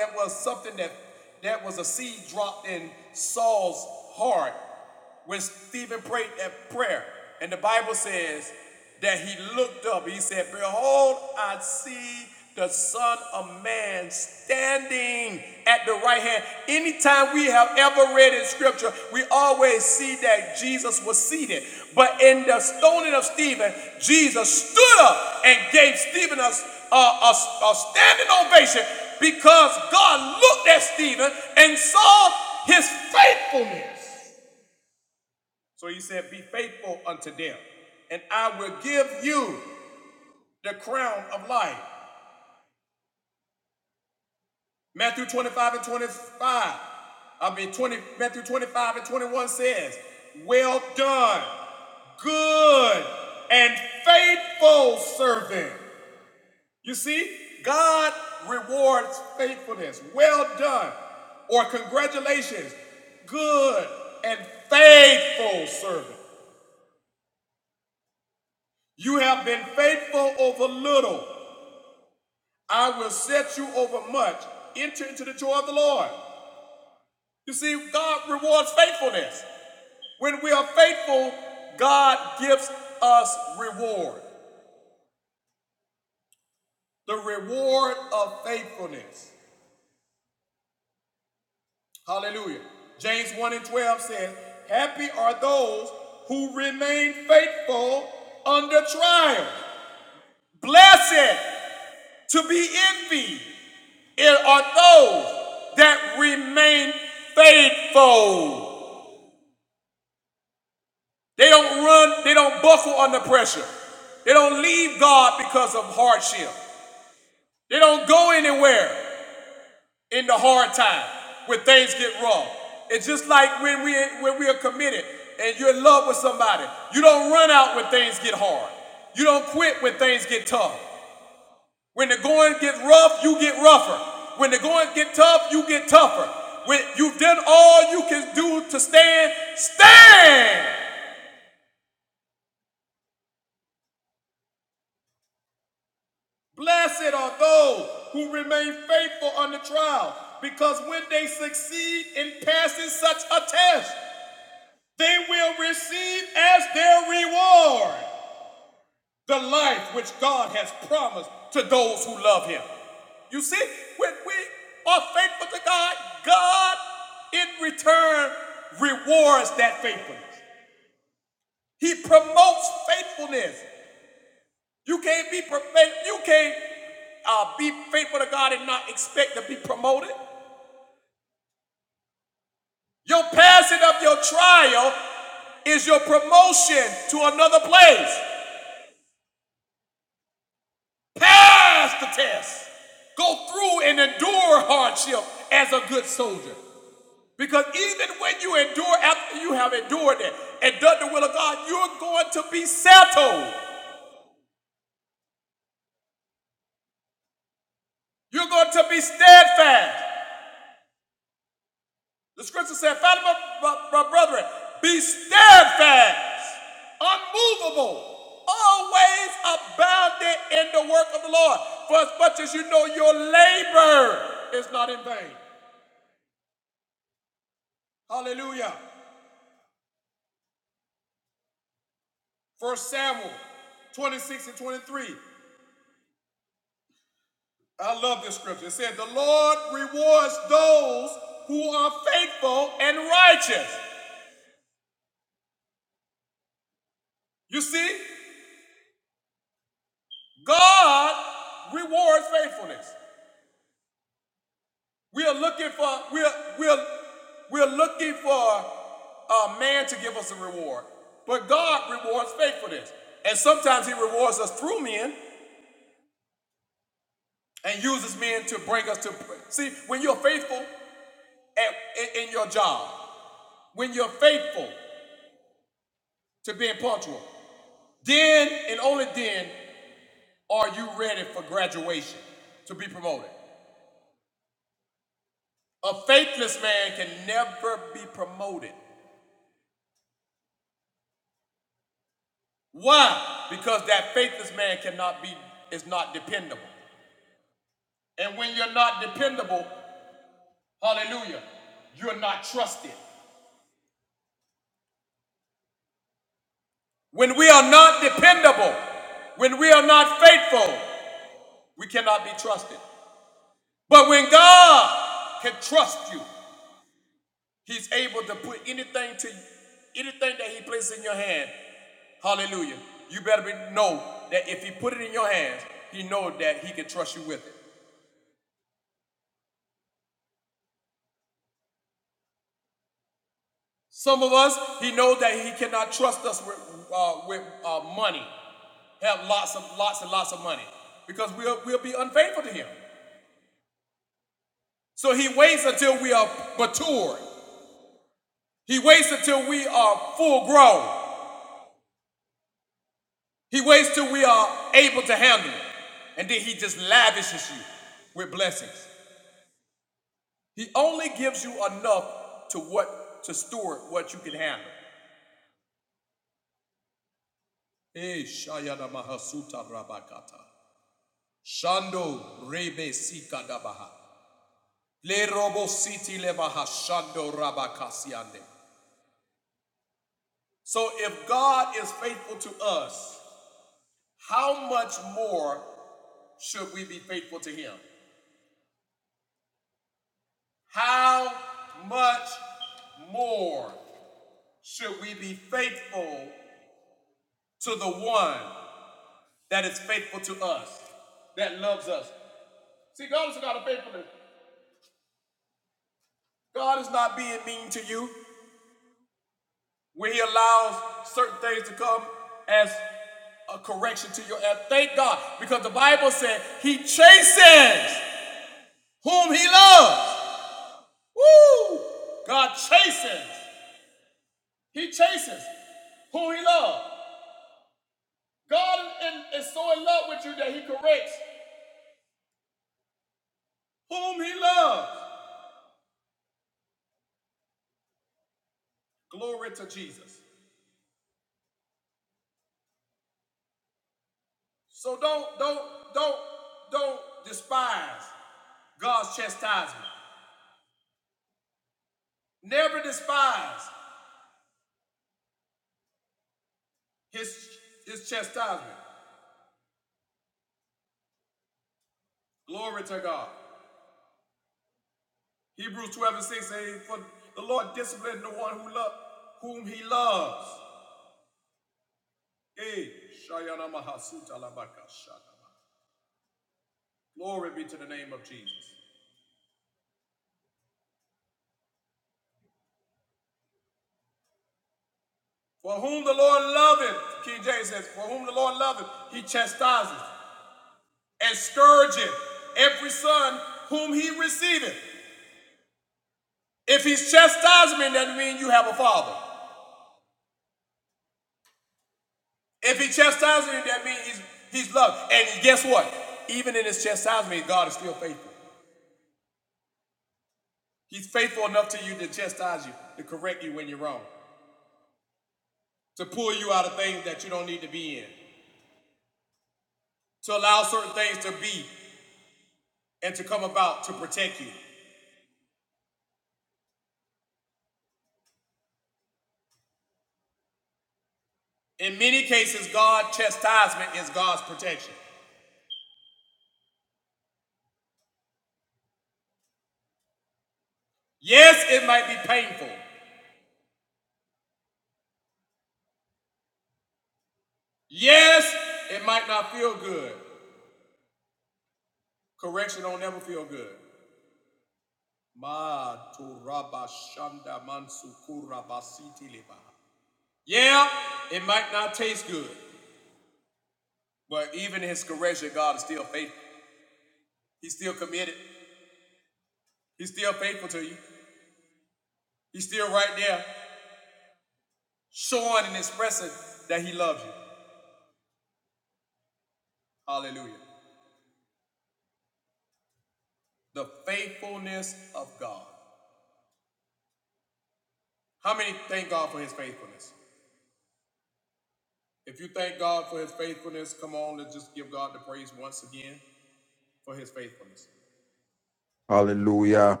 S6: Hallelujah.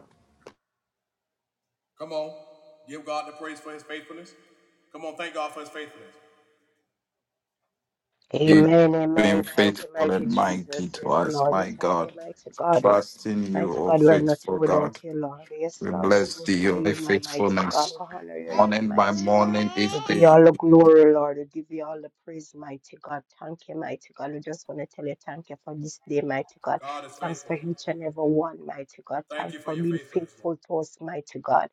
S6: You've
S2: Amen.
S6: been
S2: Amen. Thank you,
S6: faithful and
S2: mighty
S6: mighty
S2: Jesus.
S6: to
S2: Yes,
S6: us,
S2: Lord. We
S6: my
S2: thank you,
S6: God.
S2: mighty God.
S6: Trusting you,
S2: Mighty
S6: O
S2: God, we are nothing
S6: faithful
S2: without
S6: God.
S2: you, Lord. Yes,
S6: We
S2: Lord, we
S6: bless thee,
S2: glorify
S6: your
S2: your name, mighty God.
S6: faithfulness.
S2: We honor your name,
S6: Morning by
S2: mighty God.
S6: morning, each
S2: We give
S6: day.
S2: you all the glory, Lord. We give you all the praise, mighty God. Thank you, mighty God. We just want to tell you thank you for this day, mighty God. Thanks for each and every one, mighty God. Thanks for being faithful to us, mighty God.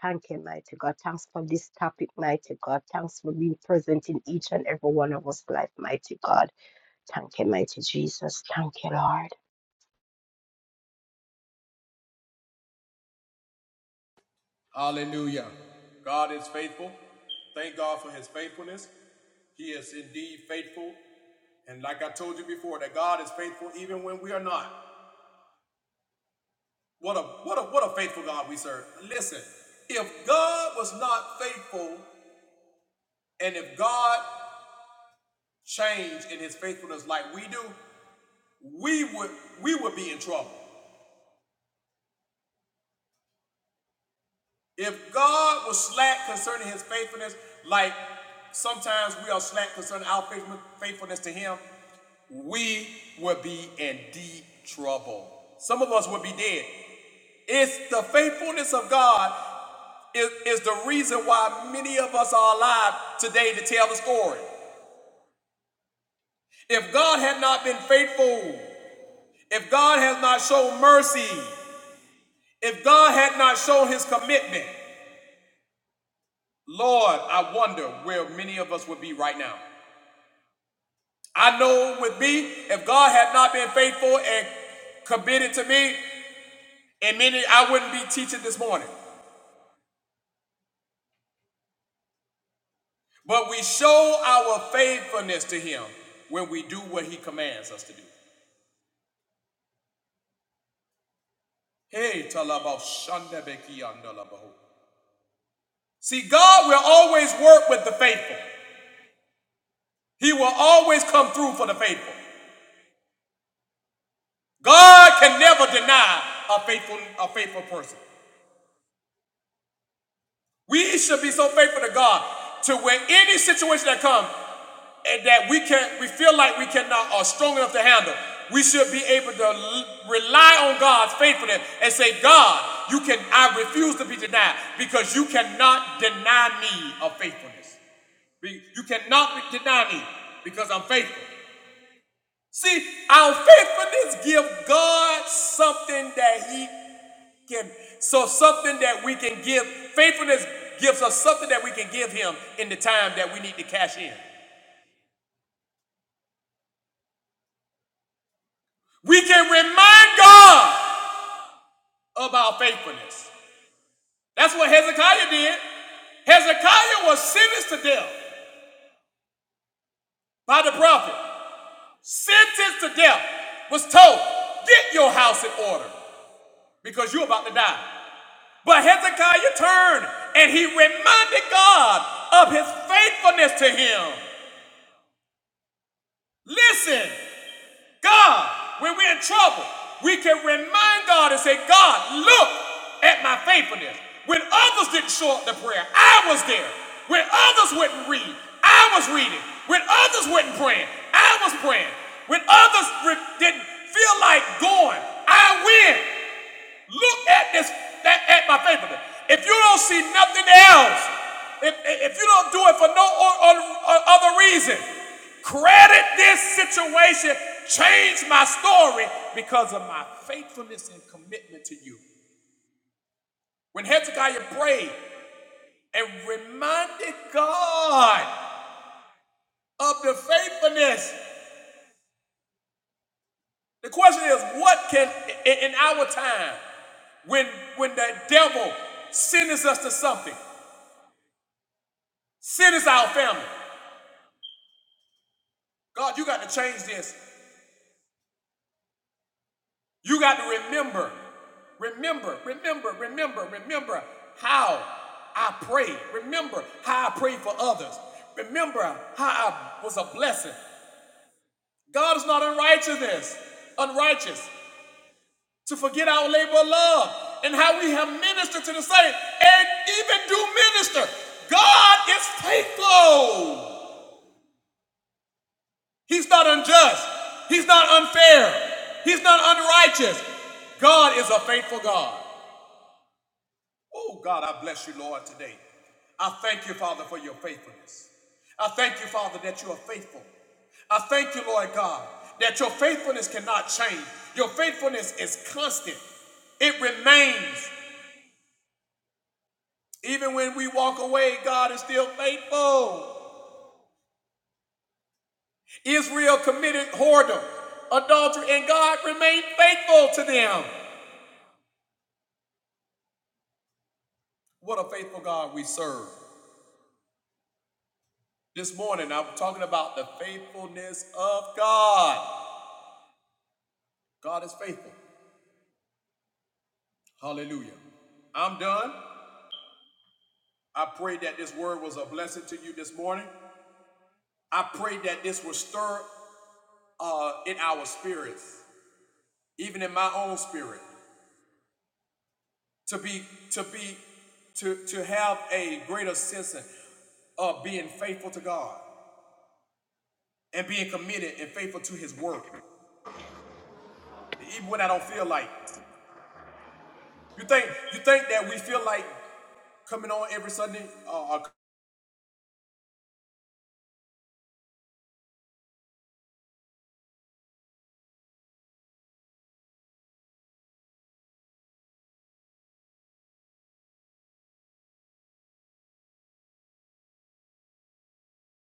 S2: Thank you, mighty God. Thanks for this topic, mighty God. Thanks for being present in each and every one of us life, mighty God. Thank you, mighty Jesus. Thank you, Lord.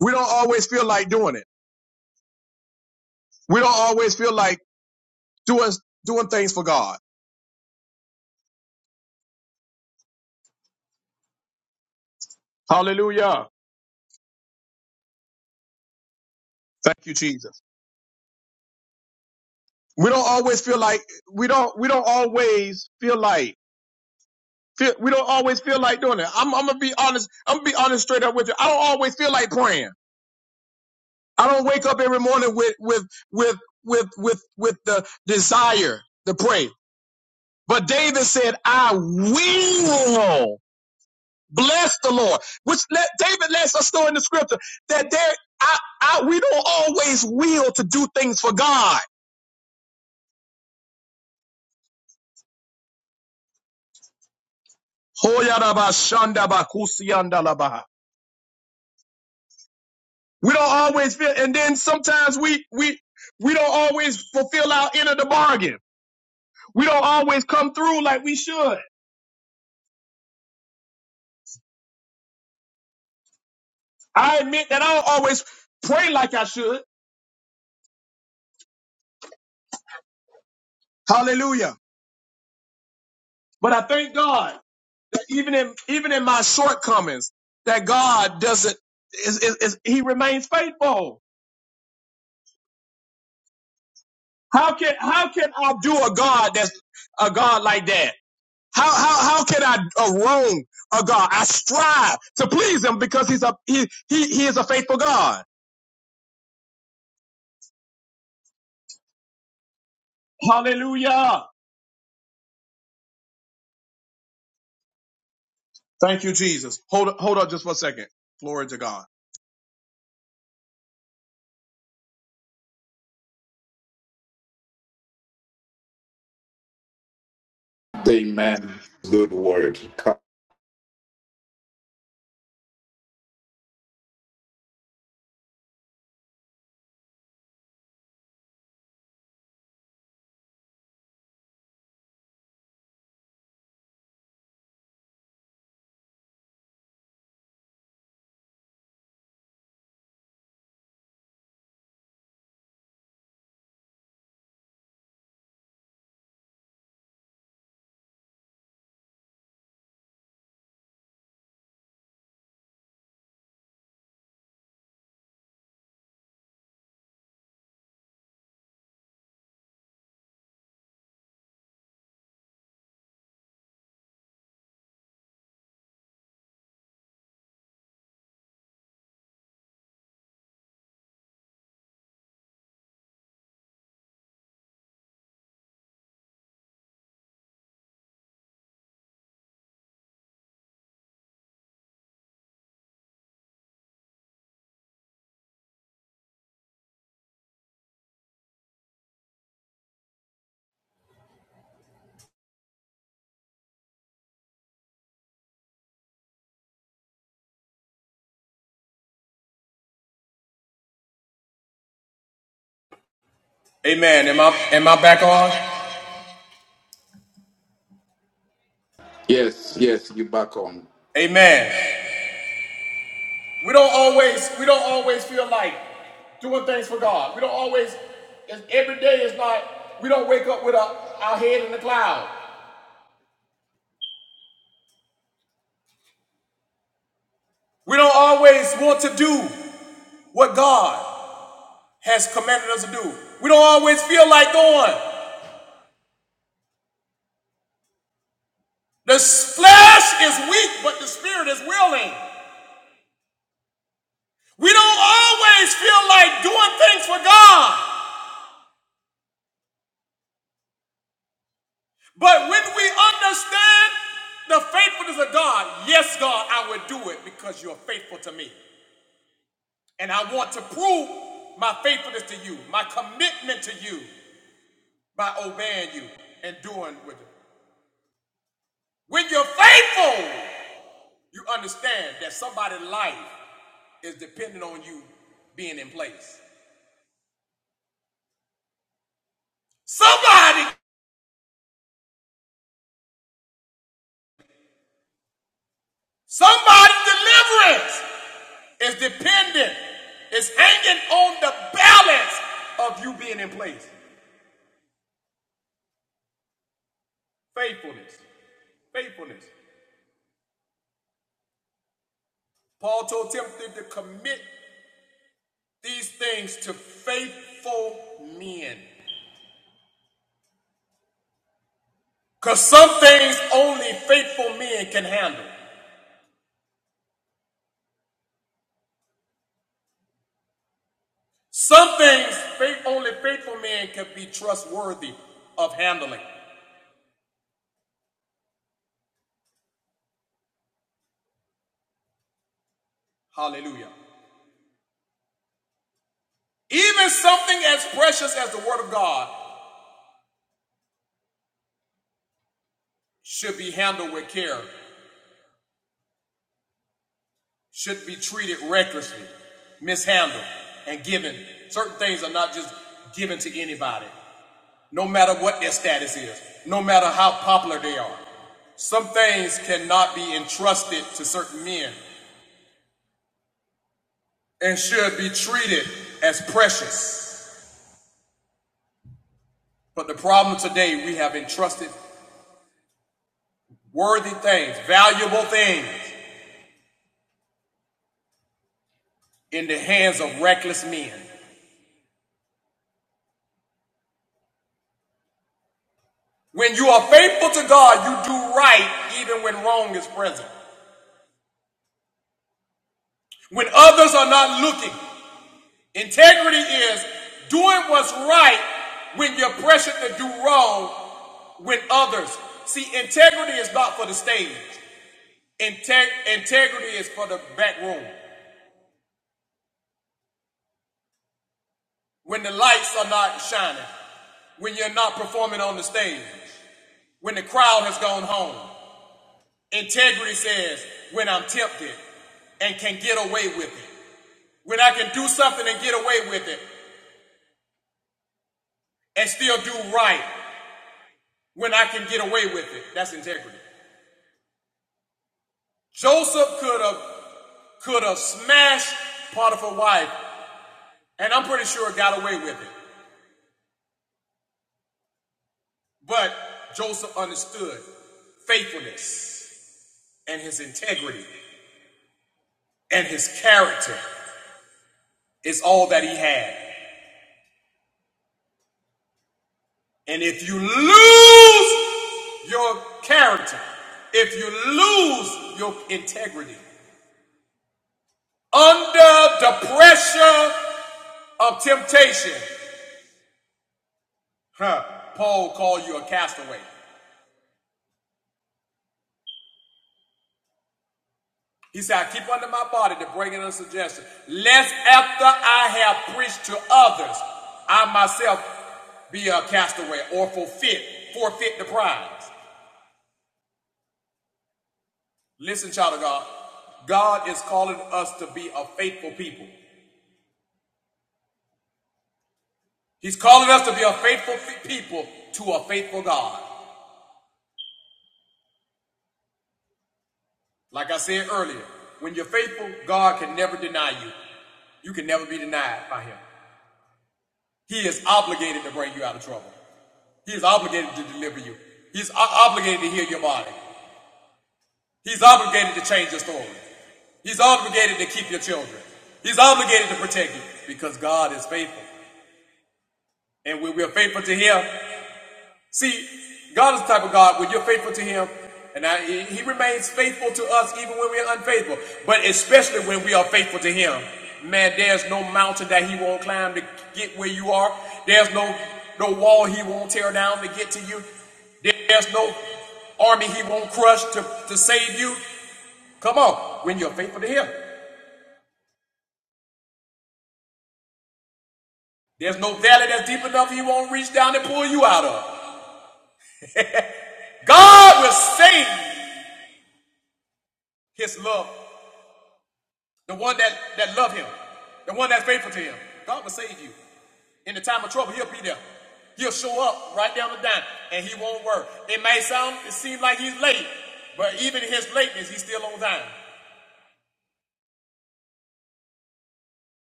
S3: We don't always feel like doing it. We don't always feel like doing, doing things for God. Hallelujah. Thank you, Jesus. We don't always feel like we don't we don't always feel like feel, we don't always feel like doing it. I'm, I'm gonna be honest. I'm gonna be honest straight up with you. I don't always feel like praying. I don't wake up every morning with with with with with with the desire to pray. But David said, "I will bless the Lord," which let, David lets us know in the scripture that there, I, I, we don't always will to do things for God. We don't always feel, and then sometimes we we we don't always fulfill our end of the bargain. We don't always come through like we should. I admit that I don't always pray like I should, Hallelujah. but I thank God that even in even in my shortcomings, that God doesn't is, is, is He remains faithful. How can how can I do a God that's a God like that? How how how can I uh, wrong a God? I strive to please Him because He's a He He, he is a faithful God. Hallelujah. Thank you, Jesus. Hold hold up just one second. Glory to God.
S6: Amen. Good word. Yes, yes, you back on.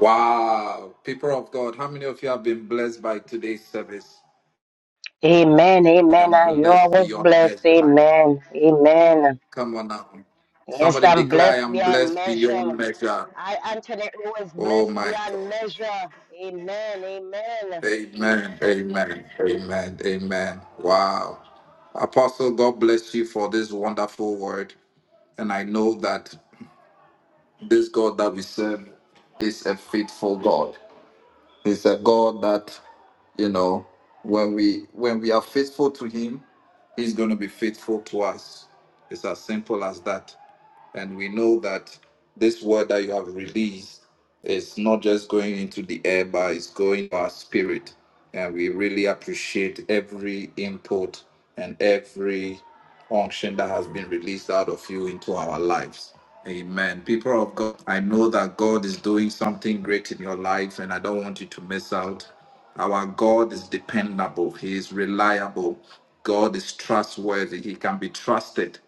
S6: Wow. People of God, how many of you have been blessed by today's service?
S2: Amen,
S6: I
S2: amen.
S6: am
S2: I know I
S6: blessed
S2: was
S6: beyond
S2: blessed.
S6: measure.
S2: Amen, amen.
S6: Come on now.
S2: Yes,
S6: Somebody
S2: I'm
S6: declare, I
S2: blessed
S6: am
S2: beyond
S6: blessed
S2: measure.
S6: beyond measure.
S2: I, Anthony, was
S6: Oh
S2: blessed
S6: my God.
S2: beyond measure. Amen, amen.
S6: Amen. Amen. Amen. Amen. Wow. Apostle, God bless you for this wonderful word. And I know that this God that we serve is a faithful God. He's a God that, you know, when we when we are faithful to him, he's gonna be faithful to us. It's as simple as that. And we know that this word that you have released is not just going into the air, but it's going to our spirit. And we really appreciate every input and every unction that has been released out of you into our lives. Amen. People of God, I know that God is doing something great in your life, and I don't want you to miss out. Our God is dependable, He is reliable, God is trustworthy, He can be trusted.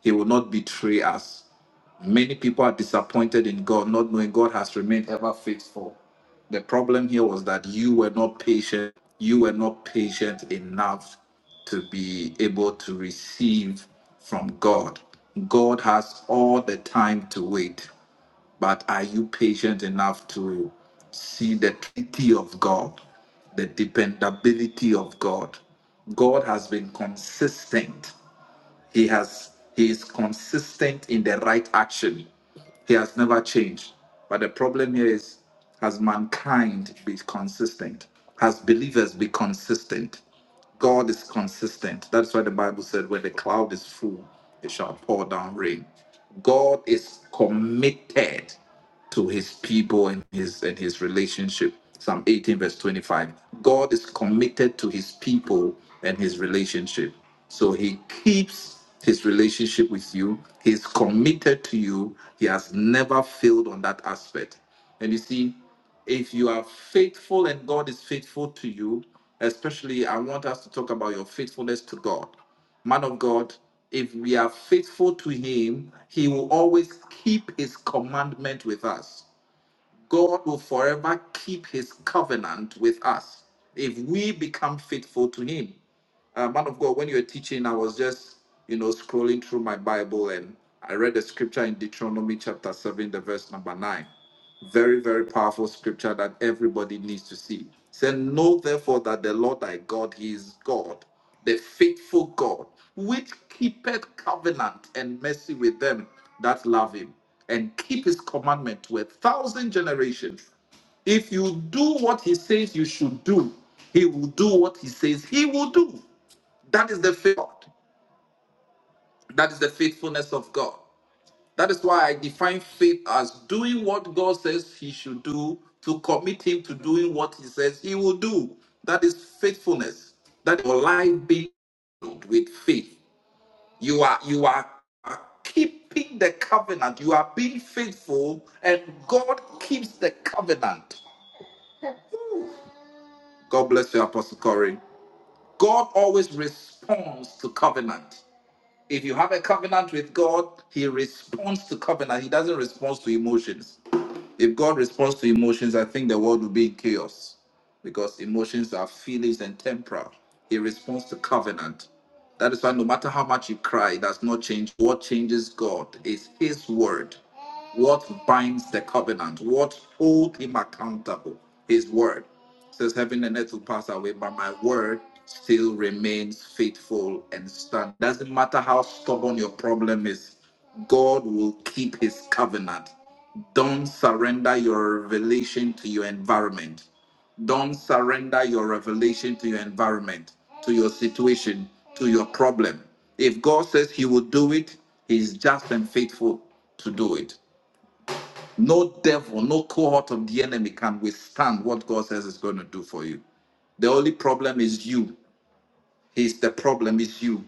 S6: He will not betray us. Many people are disappointed in God, not knowing God has remained ever faithful. The problem here was that you were not patient. You were not patient enough to be able to receive from God. God has all the time to wait, but are you patient enough to see the pity of God, the dependability of God? God has been consistent he has he is consistent in the right action. He has never changed. But the problem here is has mankind be consistent? Has believers be consistent? God is consistent. That's why the Bible said, when the cloud is full, it shall pour down rain. God is committed to his people and his and his relationship. Psalm 18, verse 25. God is committed to his people and his relationship. So he keeps his relationship with you. He's committed to you. He has never failed on that aspect. And you see, if you are faithful and God is faithful to you, especially I want us to talk about your faithfulness to God man of God, if we are faithful to him, he will always keep his commandment with us. God will forever keep his covenant with us if we become faithful to him. Uh, man of God, when you were teaching, I was just, you know, scrolling through my Bible and I read the scripture in Deuteronomy chapter 7, the verse number 9. Very, very powerful scripture that everybody needs to see. It said, Know therefore that the Lord thy God, he is God, the faithful God, which keepeth covenant and mercy with them that love him, and keep his commandment to a thousand generations. If you do what he says you should do, he will do what he says he will do. That is the faith. That is the faithfulness of God. That is why I define faith as doing what God says he should do to commit him to doing what he says he will do. That is faithfulness. That your life being filled with faith. You are you are keeping the covenant. You are being faithful, and God keeps the covenant. God bless you, Apostle Corey. God always responds to covenant. If you have a covenant with God, He responds to covenant. He doesn't respond to emotions. If God responds to emotions, I think the world will be in chaos because emotions are feelings and temporal. He responds to covenant. That is why no matter how much you cry, it does not change. What changes God is His word. What binds the covenant? What holds Him accountable? His word. It says heaven and earth will pass away, but my word still remains faithful and stand. Doesn't matter how stubborn your problem is, God will keep His covenant. Don't surrender your revelation to your environment. Don't surrender your revelation to your environment, to your situation, to your problem. If God says He will do it, He's just and faithful to do it. No devil, no cohort of the enemy can withstand what God says is going to do for you. The only problem is you. He's the problem is you.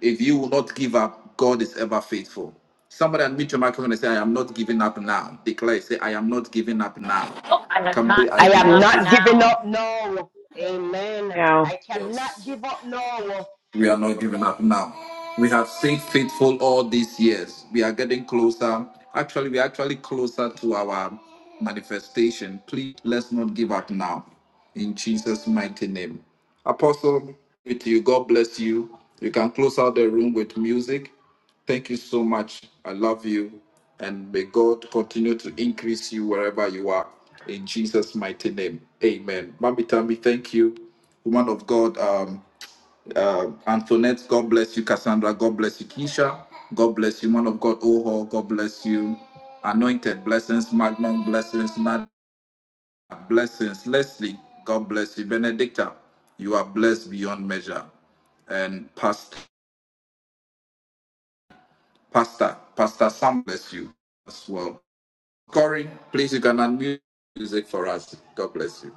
S6: If you will not give up, God is ever faithful. Somebody unmute your microphone and say, I am not giving up now. Declare, say, I am not giving up now.
S7: I am
S6: Come say,
S7: not
S6: I
S2: I
S6: am
S7: giving
S2: am
S6: not.
S7: up
S2: not giving
S7: now.
S2: up now. Amen.
S8: now
S2: I cannot
S6: Yes.
S2: give up now.
S6: We are not giving up now. We have stayed faithful all these years. We are getting closer. Actually, we are actually closer to our manifestation. Please let's not give up now. In Jesus' mighty name. Apostle, with you, God bless you. You can close out the room with music. Thank you so much. I love you. And may God continue to increase you wherever you are. In Jesus' mighty name. Amen. Mami Tammy, thank you. Woman of God, Um uh, Antoinette, God bless you. Cassandra, God bless you. Keisha, God bless you. Man of God, Oho, God bless you. Anointed, blessings. Magnum, blessings. Nad, blessings. Leslie, God bless you. Benedicta, you are blessed beyond measure. And Pastor, Pastor, Pastor Sam, bless you as well. Corey, please, you can unmute music for us. God bless you.